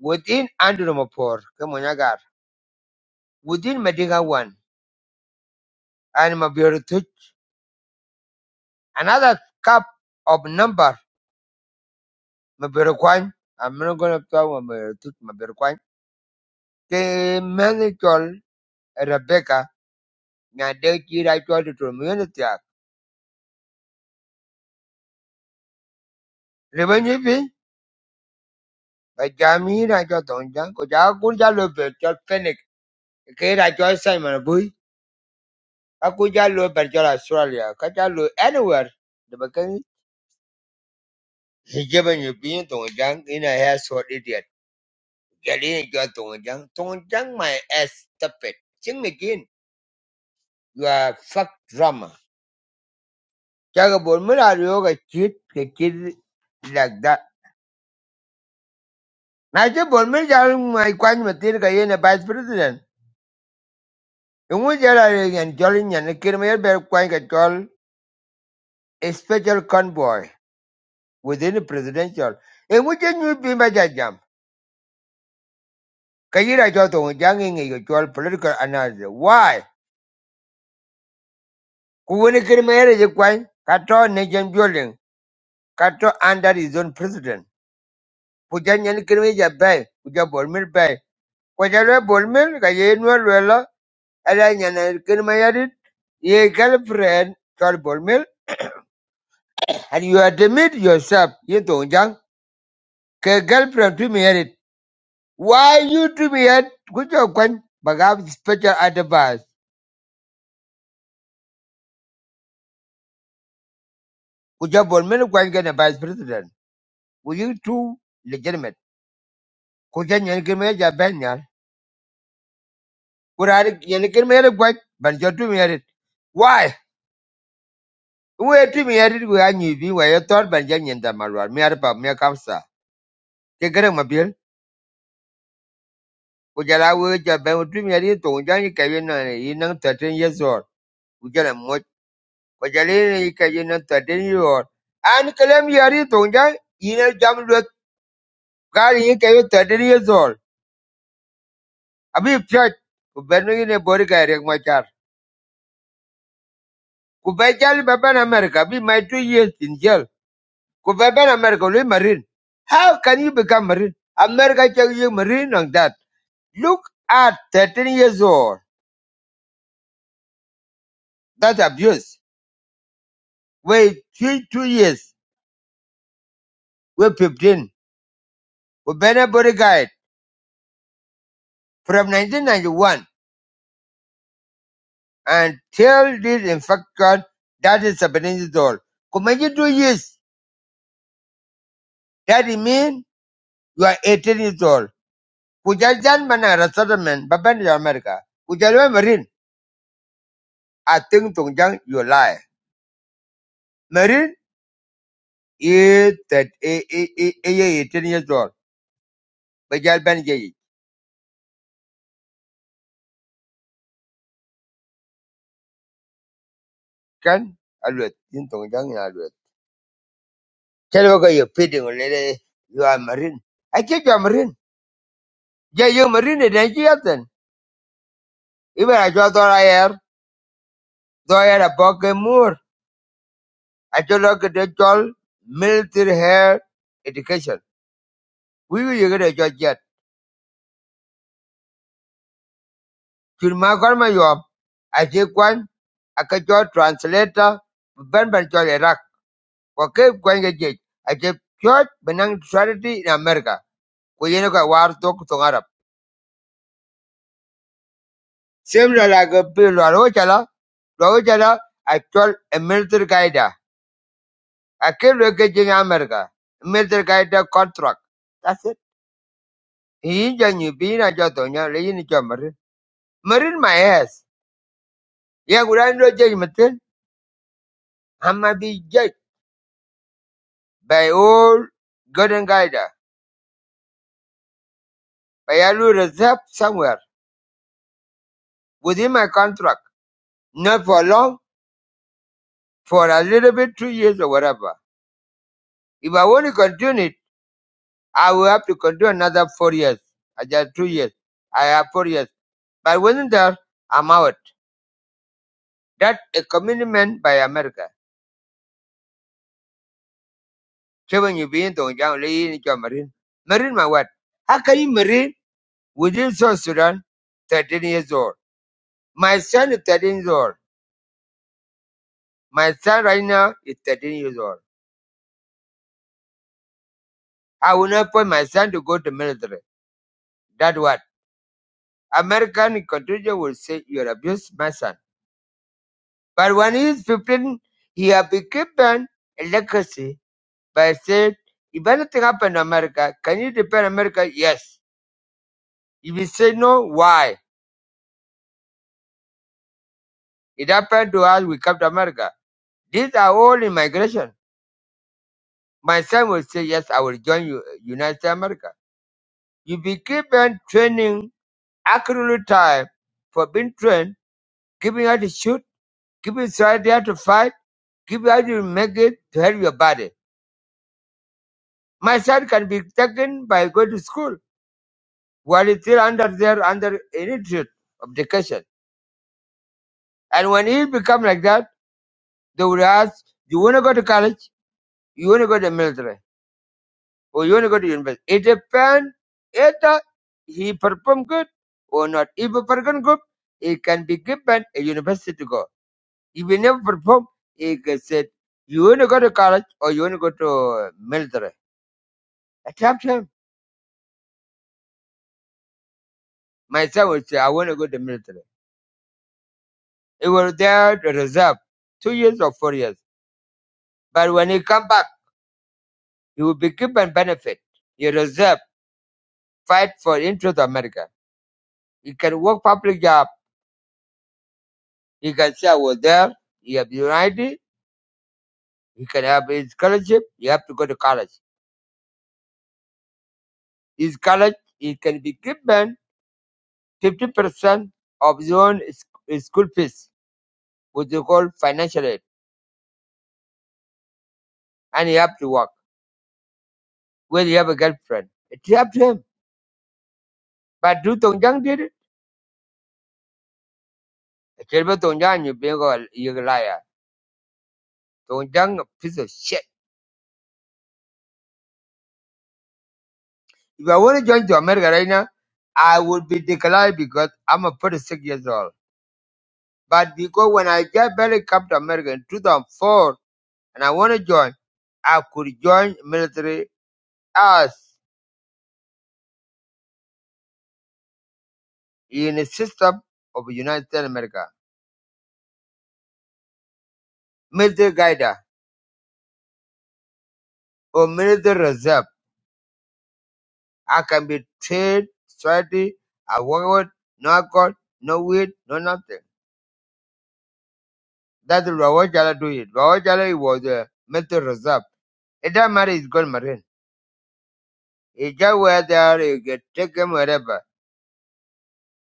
within Andromopor, Kemonyagar, within Medica 1? and Mabirutuch, another cup of number, Mabiruquine. I'm not going to tell Mabirutuch, Mabiruquine. The manager, Rebecca, Nadeki, I told the community. Revenge, by Jamie, I told Tonja, Kojakunja Lobet, Phoenix, Kate, I told Simon Bui, Akuja Lobet, Australia, Kajalu, anywhere. The Bakan, he given you being Tongjang in a hair sword idiot. Get in, got Tongjang, Tongjang, my ass, stop it. Sing you are a fuck drama. Jaga Bormir are yoga kid, a kid like that. Naja Bormir jaring my quan Matilda in a vice president. In which area and Jolin and Kirmayer Bell Quang at all a special convoy within the presidential. In which a new Bima Jajam. Kayira Joto Janging a usual political analysis. Why? Kuwini Kirmayer is a quan, Kato Nation Jolin, Kato under his own president. Pujan Kirmayer Bay, Puja Bormir Bay. Kochale bolmel ka ye nyuol welo ala nyana ken mayarit ye girlfriend chol bolmel and you admit yourself ye tongjang ke girlfriend to me Why you to me yet? Kucha kwan bagab special advice. Kucha bolmel kwan gana vice president. Were you too legitimate? Kucha nyan ken mayar ja ben nyal. Kurari nyan ken mayar kwan ban chol to me Why? Uwe to me yarit we anyi bi we thought ban jan nyan da malwar. Me yarpa me kamsa. Ke gereng Kujala weja ben utum yari to unjani kayo na yi nang 13 years old. Kujala mo kujala yi kayo na 13 years old. An kalam yari to unjani yi na jam lo kari yi kayo 13 years old. Abi pchat kubenu yi ne bori ka rek machar. Kubajal baban America bi my two years in jail. Kubaban America lo marine. How can you become marine? America tell you marine like that. Look at 13 years old. That's abuse. Wait, three, two years. We're 15. Ubena Bodyguard from 1991 until this infection that is 17 years old. Kumaji two years, that means you are 18 years old. Kujajan mana resettlement, baban di Amerika. Kujalwa marine, I think tungjang you lie. Marine is that a a a a 18 years old. Bajal ban jayi, kan? Aluat, in tungjang ya aluat. Kalau kau you feeding oleh you are marine. I think you are marine. Yeah, you are marine, dan jiatan. Even I just thought I had, thought I had a bucket more. I just look at the all military hair education. We will get a judge yet. To my grandma, job. I take one, I can just translator, Ben Ben Jol Iraq. Okay, going to get I take church, Benang charity in America. We ain't got war talk to Arab. Same like a bill or Ochala. Rojala, I told a military guide. I came to get in America. Military guide contract. That's He, Ija nyubina joto nya leini cho marin. Marin my ass. Yeah, would I not judge Martin? I'ma be judged by all God and guider. By a little reserve somewhere within my contract. Not for long, for a little bit, two years or whatever. If I want to continue it, I will have to continue another four years. I just two years. I have four years. But within there, I'm out. That's a commitment by America. So when you be in Tongjang, lay in your Marine, Marine my what? How can you Marine? within South Sudan, 13 years old. My son is 13 years old. My son right now is 13 years old. I will not put my son to go to military. That what? American contingent will say you're abused my son. But when he is 15, he have been given a legacy by saying, if anything happened to America, can you depend on America? Yes. If you say no, why? It happened to us, we come to America. These are all immigration. My son will say, yes, I will join you, United States of America. You be given training accurately time for being trained, giving how to shoot, giving strategy how to fight, giving how to make it to help your body. My son can be taken by going to school while he's still under there under an institute of education. And when he become like that, they will ask, you wanna go to college, you wanna go to the military, or you wanna go to university. It depends either he perform good or not. If he perform good, he can be given a university to go If you never perform, he said, you want to go to college or you want to go to military. I trapped him. My son would say, I want to go to military. He was there to reserve two years or four years. But when he come back, he will be given benefit. He reserve, fight for interest of America. He can work public job. He can say, I was there. He have united. He can have his scholarship. He have to go to college. His college, he can be given 50% of his own s- his school fees with you call financial aid and you have to work. Whether you have a girlfriend, it's up to him. But do Tongjang did it? I tell you, Tongjang, you being a you're a liar. Tongjang, a piece of shit. If I want to join to America right now, I would be declined because I'm a 46 years old. But because when I just barely come to America in 2004 and I want to join, I could join military as in the system of the United States of America, military guider or military reserve. I can be trained, tried, I work worked, no God, no weed, no nothing. That's Rawal Jala do it. Rawal Jala was a mental reserve. It doesn't matter he's gone marine. He just where they are, you can take him wherever.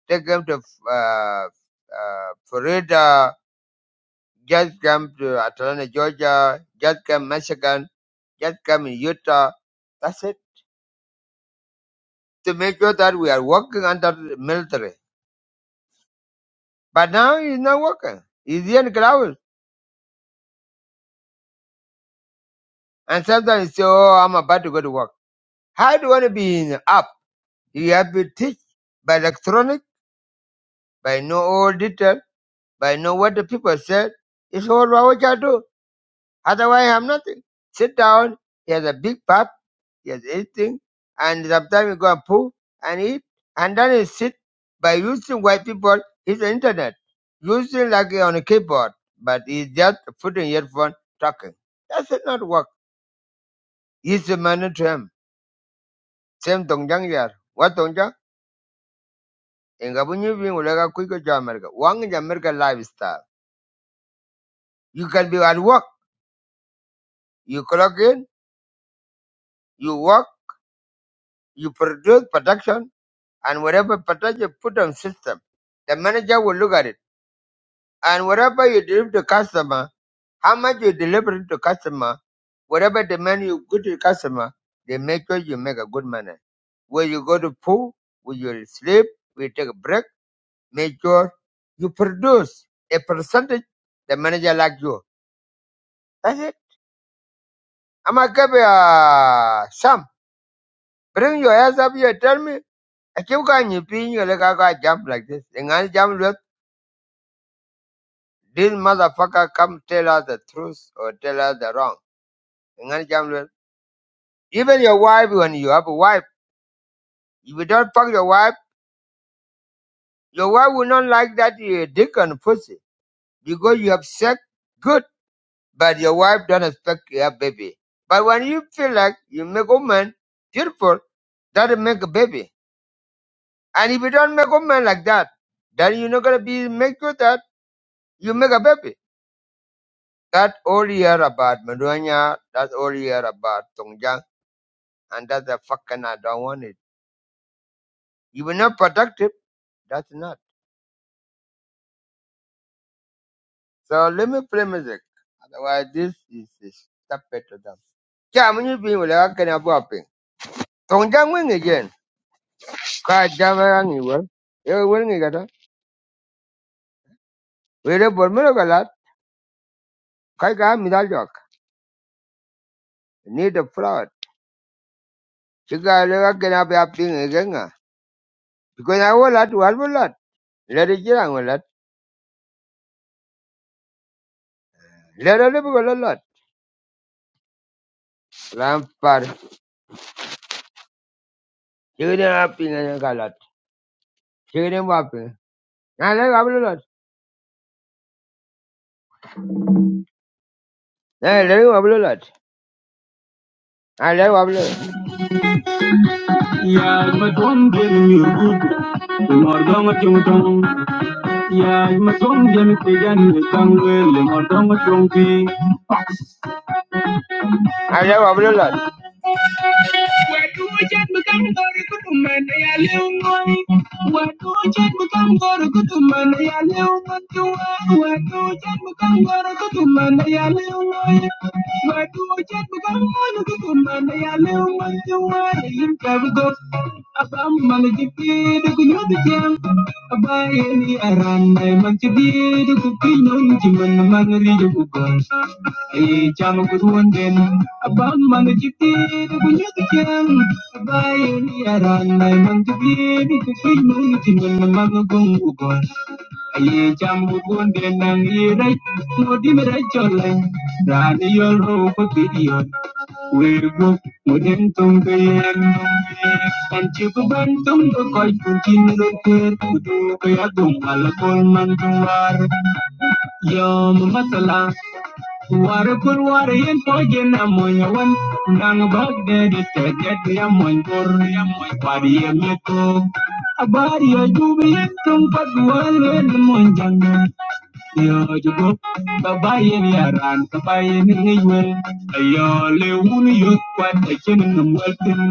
Take him to uh, uh, Florida, just come to Atlanta, Georgia, just come Michigan, just come in Utah. That's it. To make sure that we are working under the military. But now he's not working. He's in ground. And sometimes you say, Oh, I'm about to go to work. How do you want to be in the app? You have to teach by electronic, by know all detail, by know what the people said. It's all about what you do. Otherwise, I have nothing. Sit down. He has a big pub. He has anything. And sometimes you go and poo and eat. And then you sit by using white people. It's the internet. Using like on a keyboard. But he's just putting earphone talking. That's not work. He's a man to him. Same Dong Yang Yar. What Dong Inga bunyi bin ulaga kuiko cha America. Wang in America lifestyle. You can be at work. You clock in, you work, you produce production, and whatever product you put on system, the manager will look at it. And whatever you deliver to customer, how much you deliver to customer, whatever demand you give to customer, they make sure you make a good money. When you go to pool, when you sleep, when you take a break, make sure you produce a percentage the manager like you. That's it. I'm a kabe uh, Sam. Bring your ass up here. Tell me. I keep going you pin you like I got jump like this. And I jump with this motherfucker come tell us the truth or tell us the wrong. And I jump with even your wife when you have a wife. If you don't fuck your wife, your wife will not like that you dick and pussy because you have sex. Good, but your wife don't expect you have baby. But when you feel like you make a woman beautiful, that make a baby. And if you don't make women like that, then you're not gonna be make sure that you make a baby. That's all you hear about Maduanya, that's all you hear about Tongjang, and that's a fucking I don't want it. You were not productive, that's not. So let me play music. Otherwise this is a stupid to them. Yeah, when you be with a kind of whopping. Tongjang wing again. Kai Jamarang you will. You will get it. We live for Milogalat, Kai Midal Jok, need a flower. Chicago can have a ping again. huh? Because I will lot, I will lot. Let it get on lot. Let it live a lot. Lampard. Chicken up in a lot. Chicken him up I let up a lot. I let him up a lot. I let up a lot. Yaj ma tuom dien miur gut, mor dong chung tong. Yaj ma tuom dien tigan ni tang wel, mor dong chung ti. I let up a lot. Wadu wajan bekam gori kutuman ya leungoi. Wadu wajan bekam gori kutuman ya leungoi tua. Wadu wajan bekam gori kutuman ya leungoi. Wadu wajan bekam gori kutuman ya leungoi tua. Yin kabdo. Abam malajipide kunyodijang abayeni aranday man ci diidu ku ki ñoon ci man man riiju ku kon ay jam ku duon den abam man ci diidu ku ñëk jam abayeni aranday man ci diidu ku ki ñoon nang yi modi mo di me raj yol ro ko Werewolf within Tungayan. Panchibuban tungakoy kuchinagkit. Kaya dumalakol man tuwar. Yo mamasala. Wara kurwara yan po yan amonyawan. Nang bagde di tetet yamoy por yamoy. Pari yamito. Abari ajubi yan tungpagwal. Monjang. Yo jugo kabayin yaran kabayin ngiyel ayo lewun yut kwat achen ngamweltin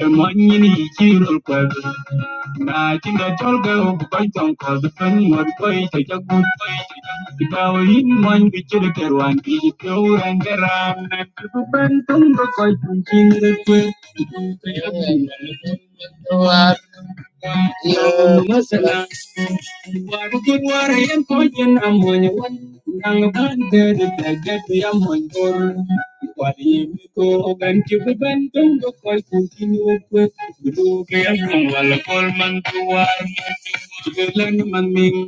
emonyin yichirol kwat na chinga cholga ubukai tongko zupani wadkoi chacha gudkoi ikaw yin mon bichir kerwan ijipyo rangaram na kubukan tungga koi punchin retwe Nang masala, waru kun waru yan ko yan amoy wan. Nang bagger dagat yan moy kor. Waru yun ko ogan kibu bandung ko koi continue ko. Gudu kaya kung wala kol man tuwar man tuwalan man ming.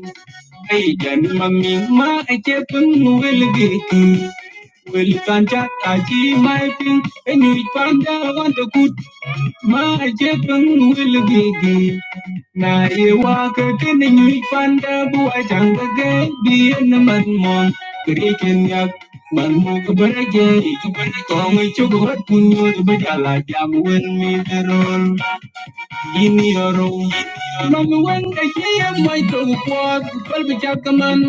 Ay yan man ming ma ay kepeng welgiti. Will panda, I see my thing, and you panda want to good ma je bung gigi na ewa wa ka ken ni panda bu a ge bi man mon kri yak man mo ka bara je i ka bara ko ngi chu kun yo ba ja la jam wen mi de Giniaro. Mami wen ka cheya mai to kwat pal bi chakaman.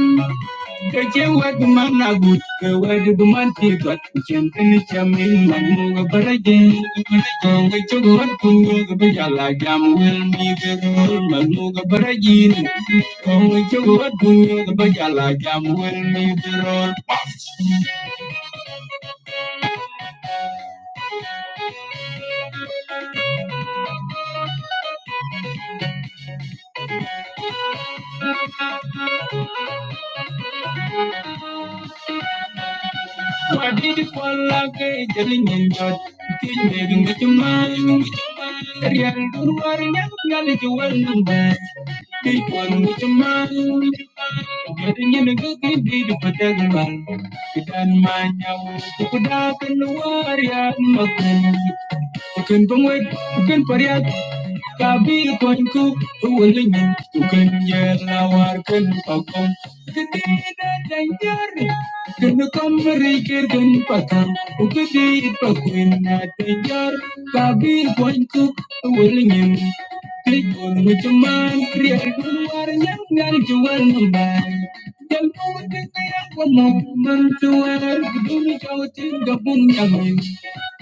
Ka che wad man agut ka wad man ti gat chen ken chamin man mo ga baraje. Ko ga chuwan kun ga bi jala jam wel mi ga gur man mo ga baraje. Ko ga chuwan kun ga bi jala jam wel mi ga Wadi kwalla ke jering enjot, kin begin ke cuma, rian keluar yang ngal jual nunggu. Di kwalla ke cuma, jering yang ke kin di dapat gelar. Kita manja, kuda keluar yang makan. Bukan pengwek, bukan pariak. Kabil koinku ulingan bukan nyelawar kun pakong Ketida dan jari kena kamerikir kun pakang Uketid pakuin natin jar Kabil koinku ulingan Trikon hujaman kriar keluar yang ngarjuan membaik Yang putih kayak penuh mencuar Gedung jauh cinggabung yang lain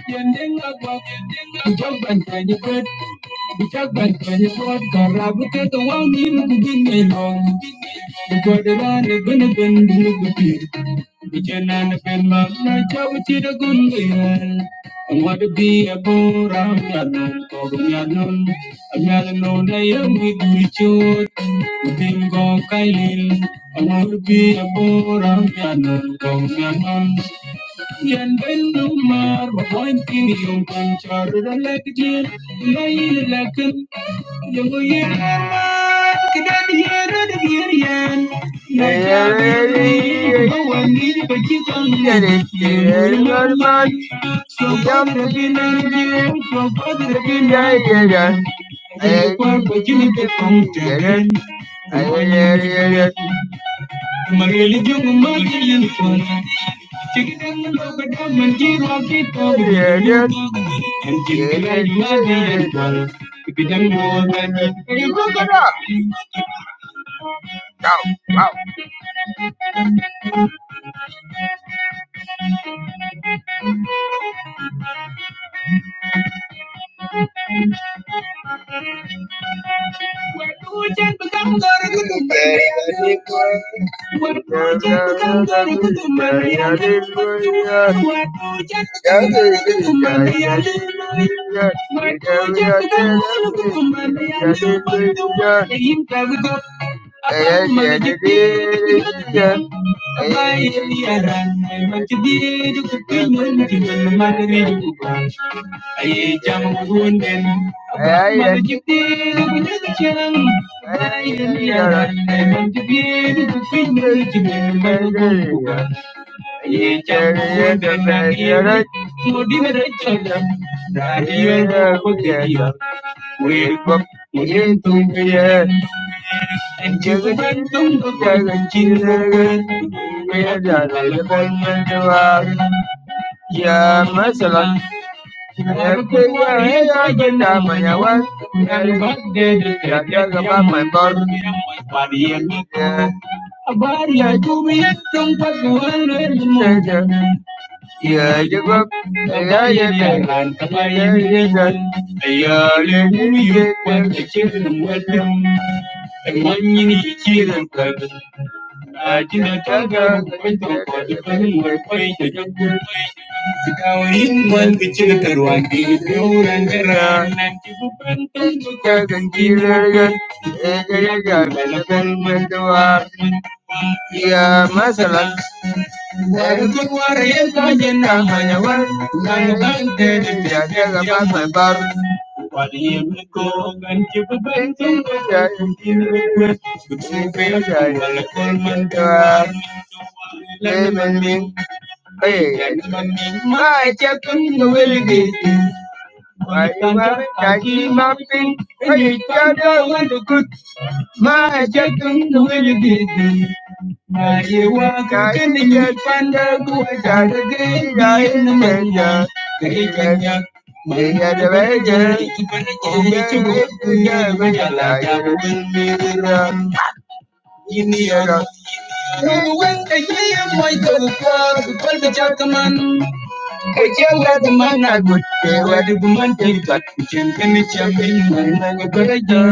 Yang dengar gua, yang dengar jawaban tanya berat Thank you. We can't offend my job with you. And what to be a poor I'm not called me alone. I'm not alone. I am with Richard. We think of Kailin. I want to be a poor I'm not called me alone. And then no more pointing you can charter like you like you. Monkey, Yeah, yeah, and yeah, yeah, yeah, yeah, Thank you. Aye, jam wunden. Aye, man jibdi jibdi chang. Aye, niyara man jibdi jibdi jibdi man buka. Aye, jam wunden niyara. Modi me rajada. Nariya kudiya. Wekum muyen tumbiya. Anjugan tumbuka ganchila. Mera dalal kalman jawab. Ya masalah. I Yeah, Ajina taga kwento kwa dukani wa kwaita jogu Sikawa inwan kichira karwan di yuran bera Nanti bukan tunggu kagan kira gan Ega yaga bela kalman dawar Ya I war yen ka yen na ma ya war ngan ban de de ya de la ba ma bar wal yen ko ngan ki bu ban tu ko ya yen ki ni ko ku ti pe ya wal ko man da le man min ay ma cha kun no wel ge ai ma ta ki ma my jagan wilgidi na yewa kan ya panda ko da da gen da in manja kai kanya mai ya da baje ki bana ke ki go ya ba ya la ya bun in the ini ya i wanda ya mai dalka bal da Ejala the man I would pay where the woman take that kitchen can it chamin man a good jar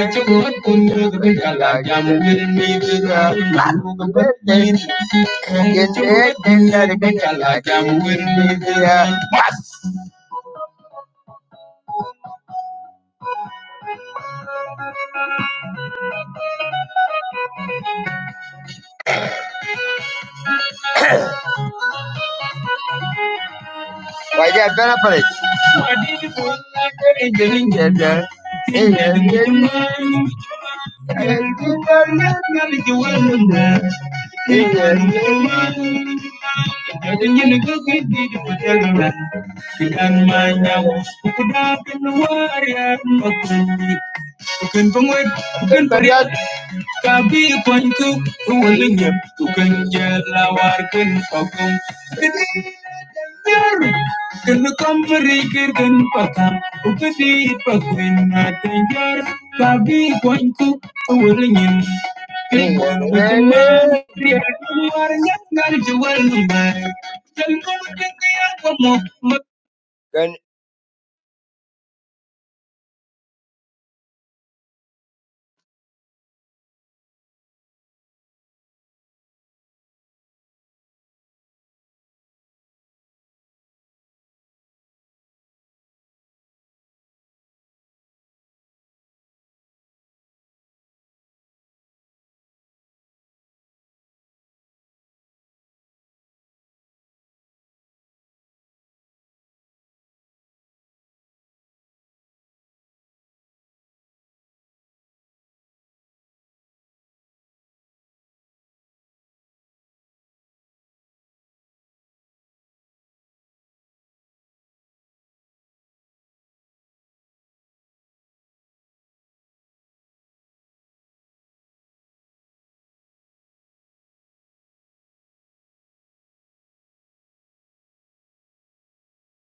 I took what kun you the good alagam will me the birthday get it and that a good like Tariya Kabi pon ku wala nyep ku kan jala war kan pakum. Kan kompari kan kan pata ukati pakuin natin jar. Kabi pon ku wala nyep. Kan pon dia war nyep ngal jual numbai. Kan kau kan kaya kamu.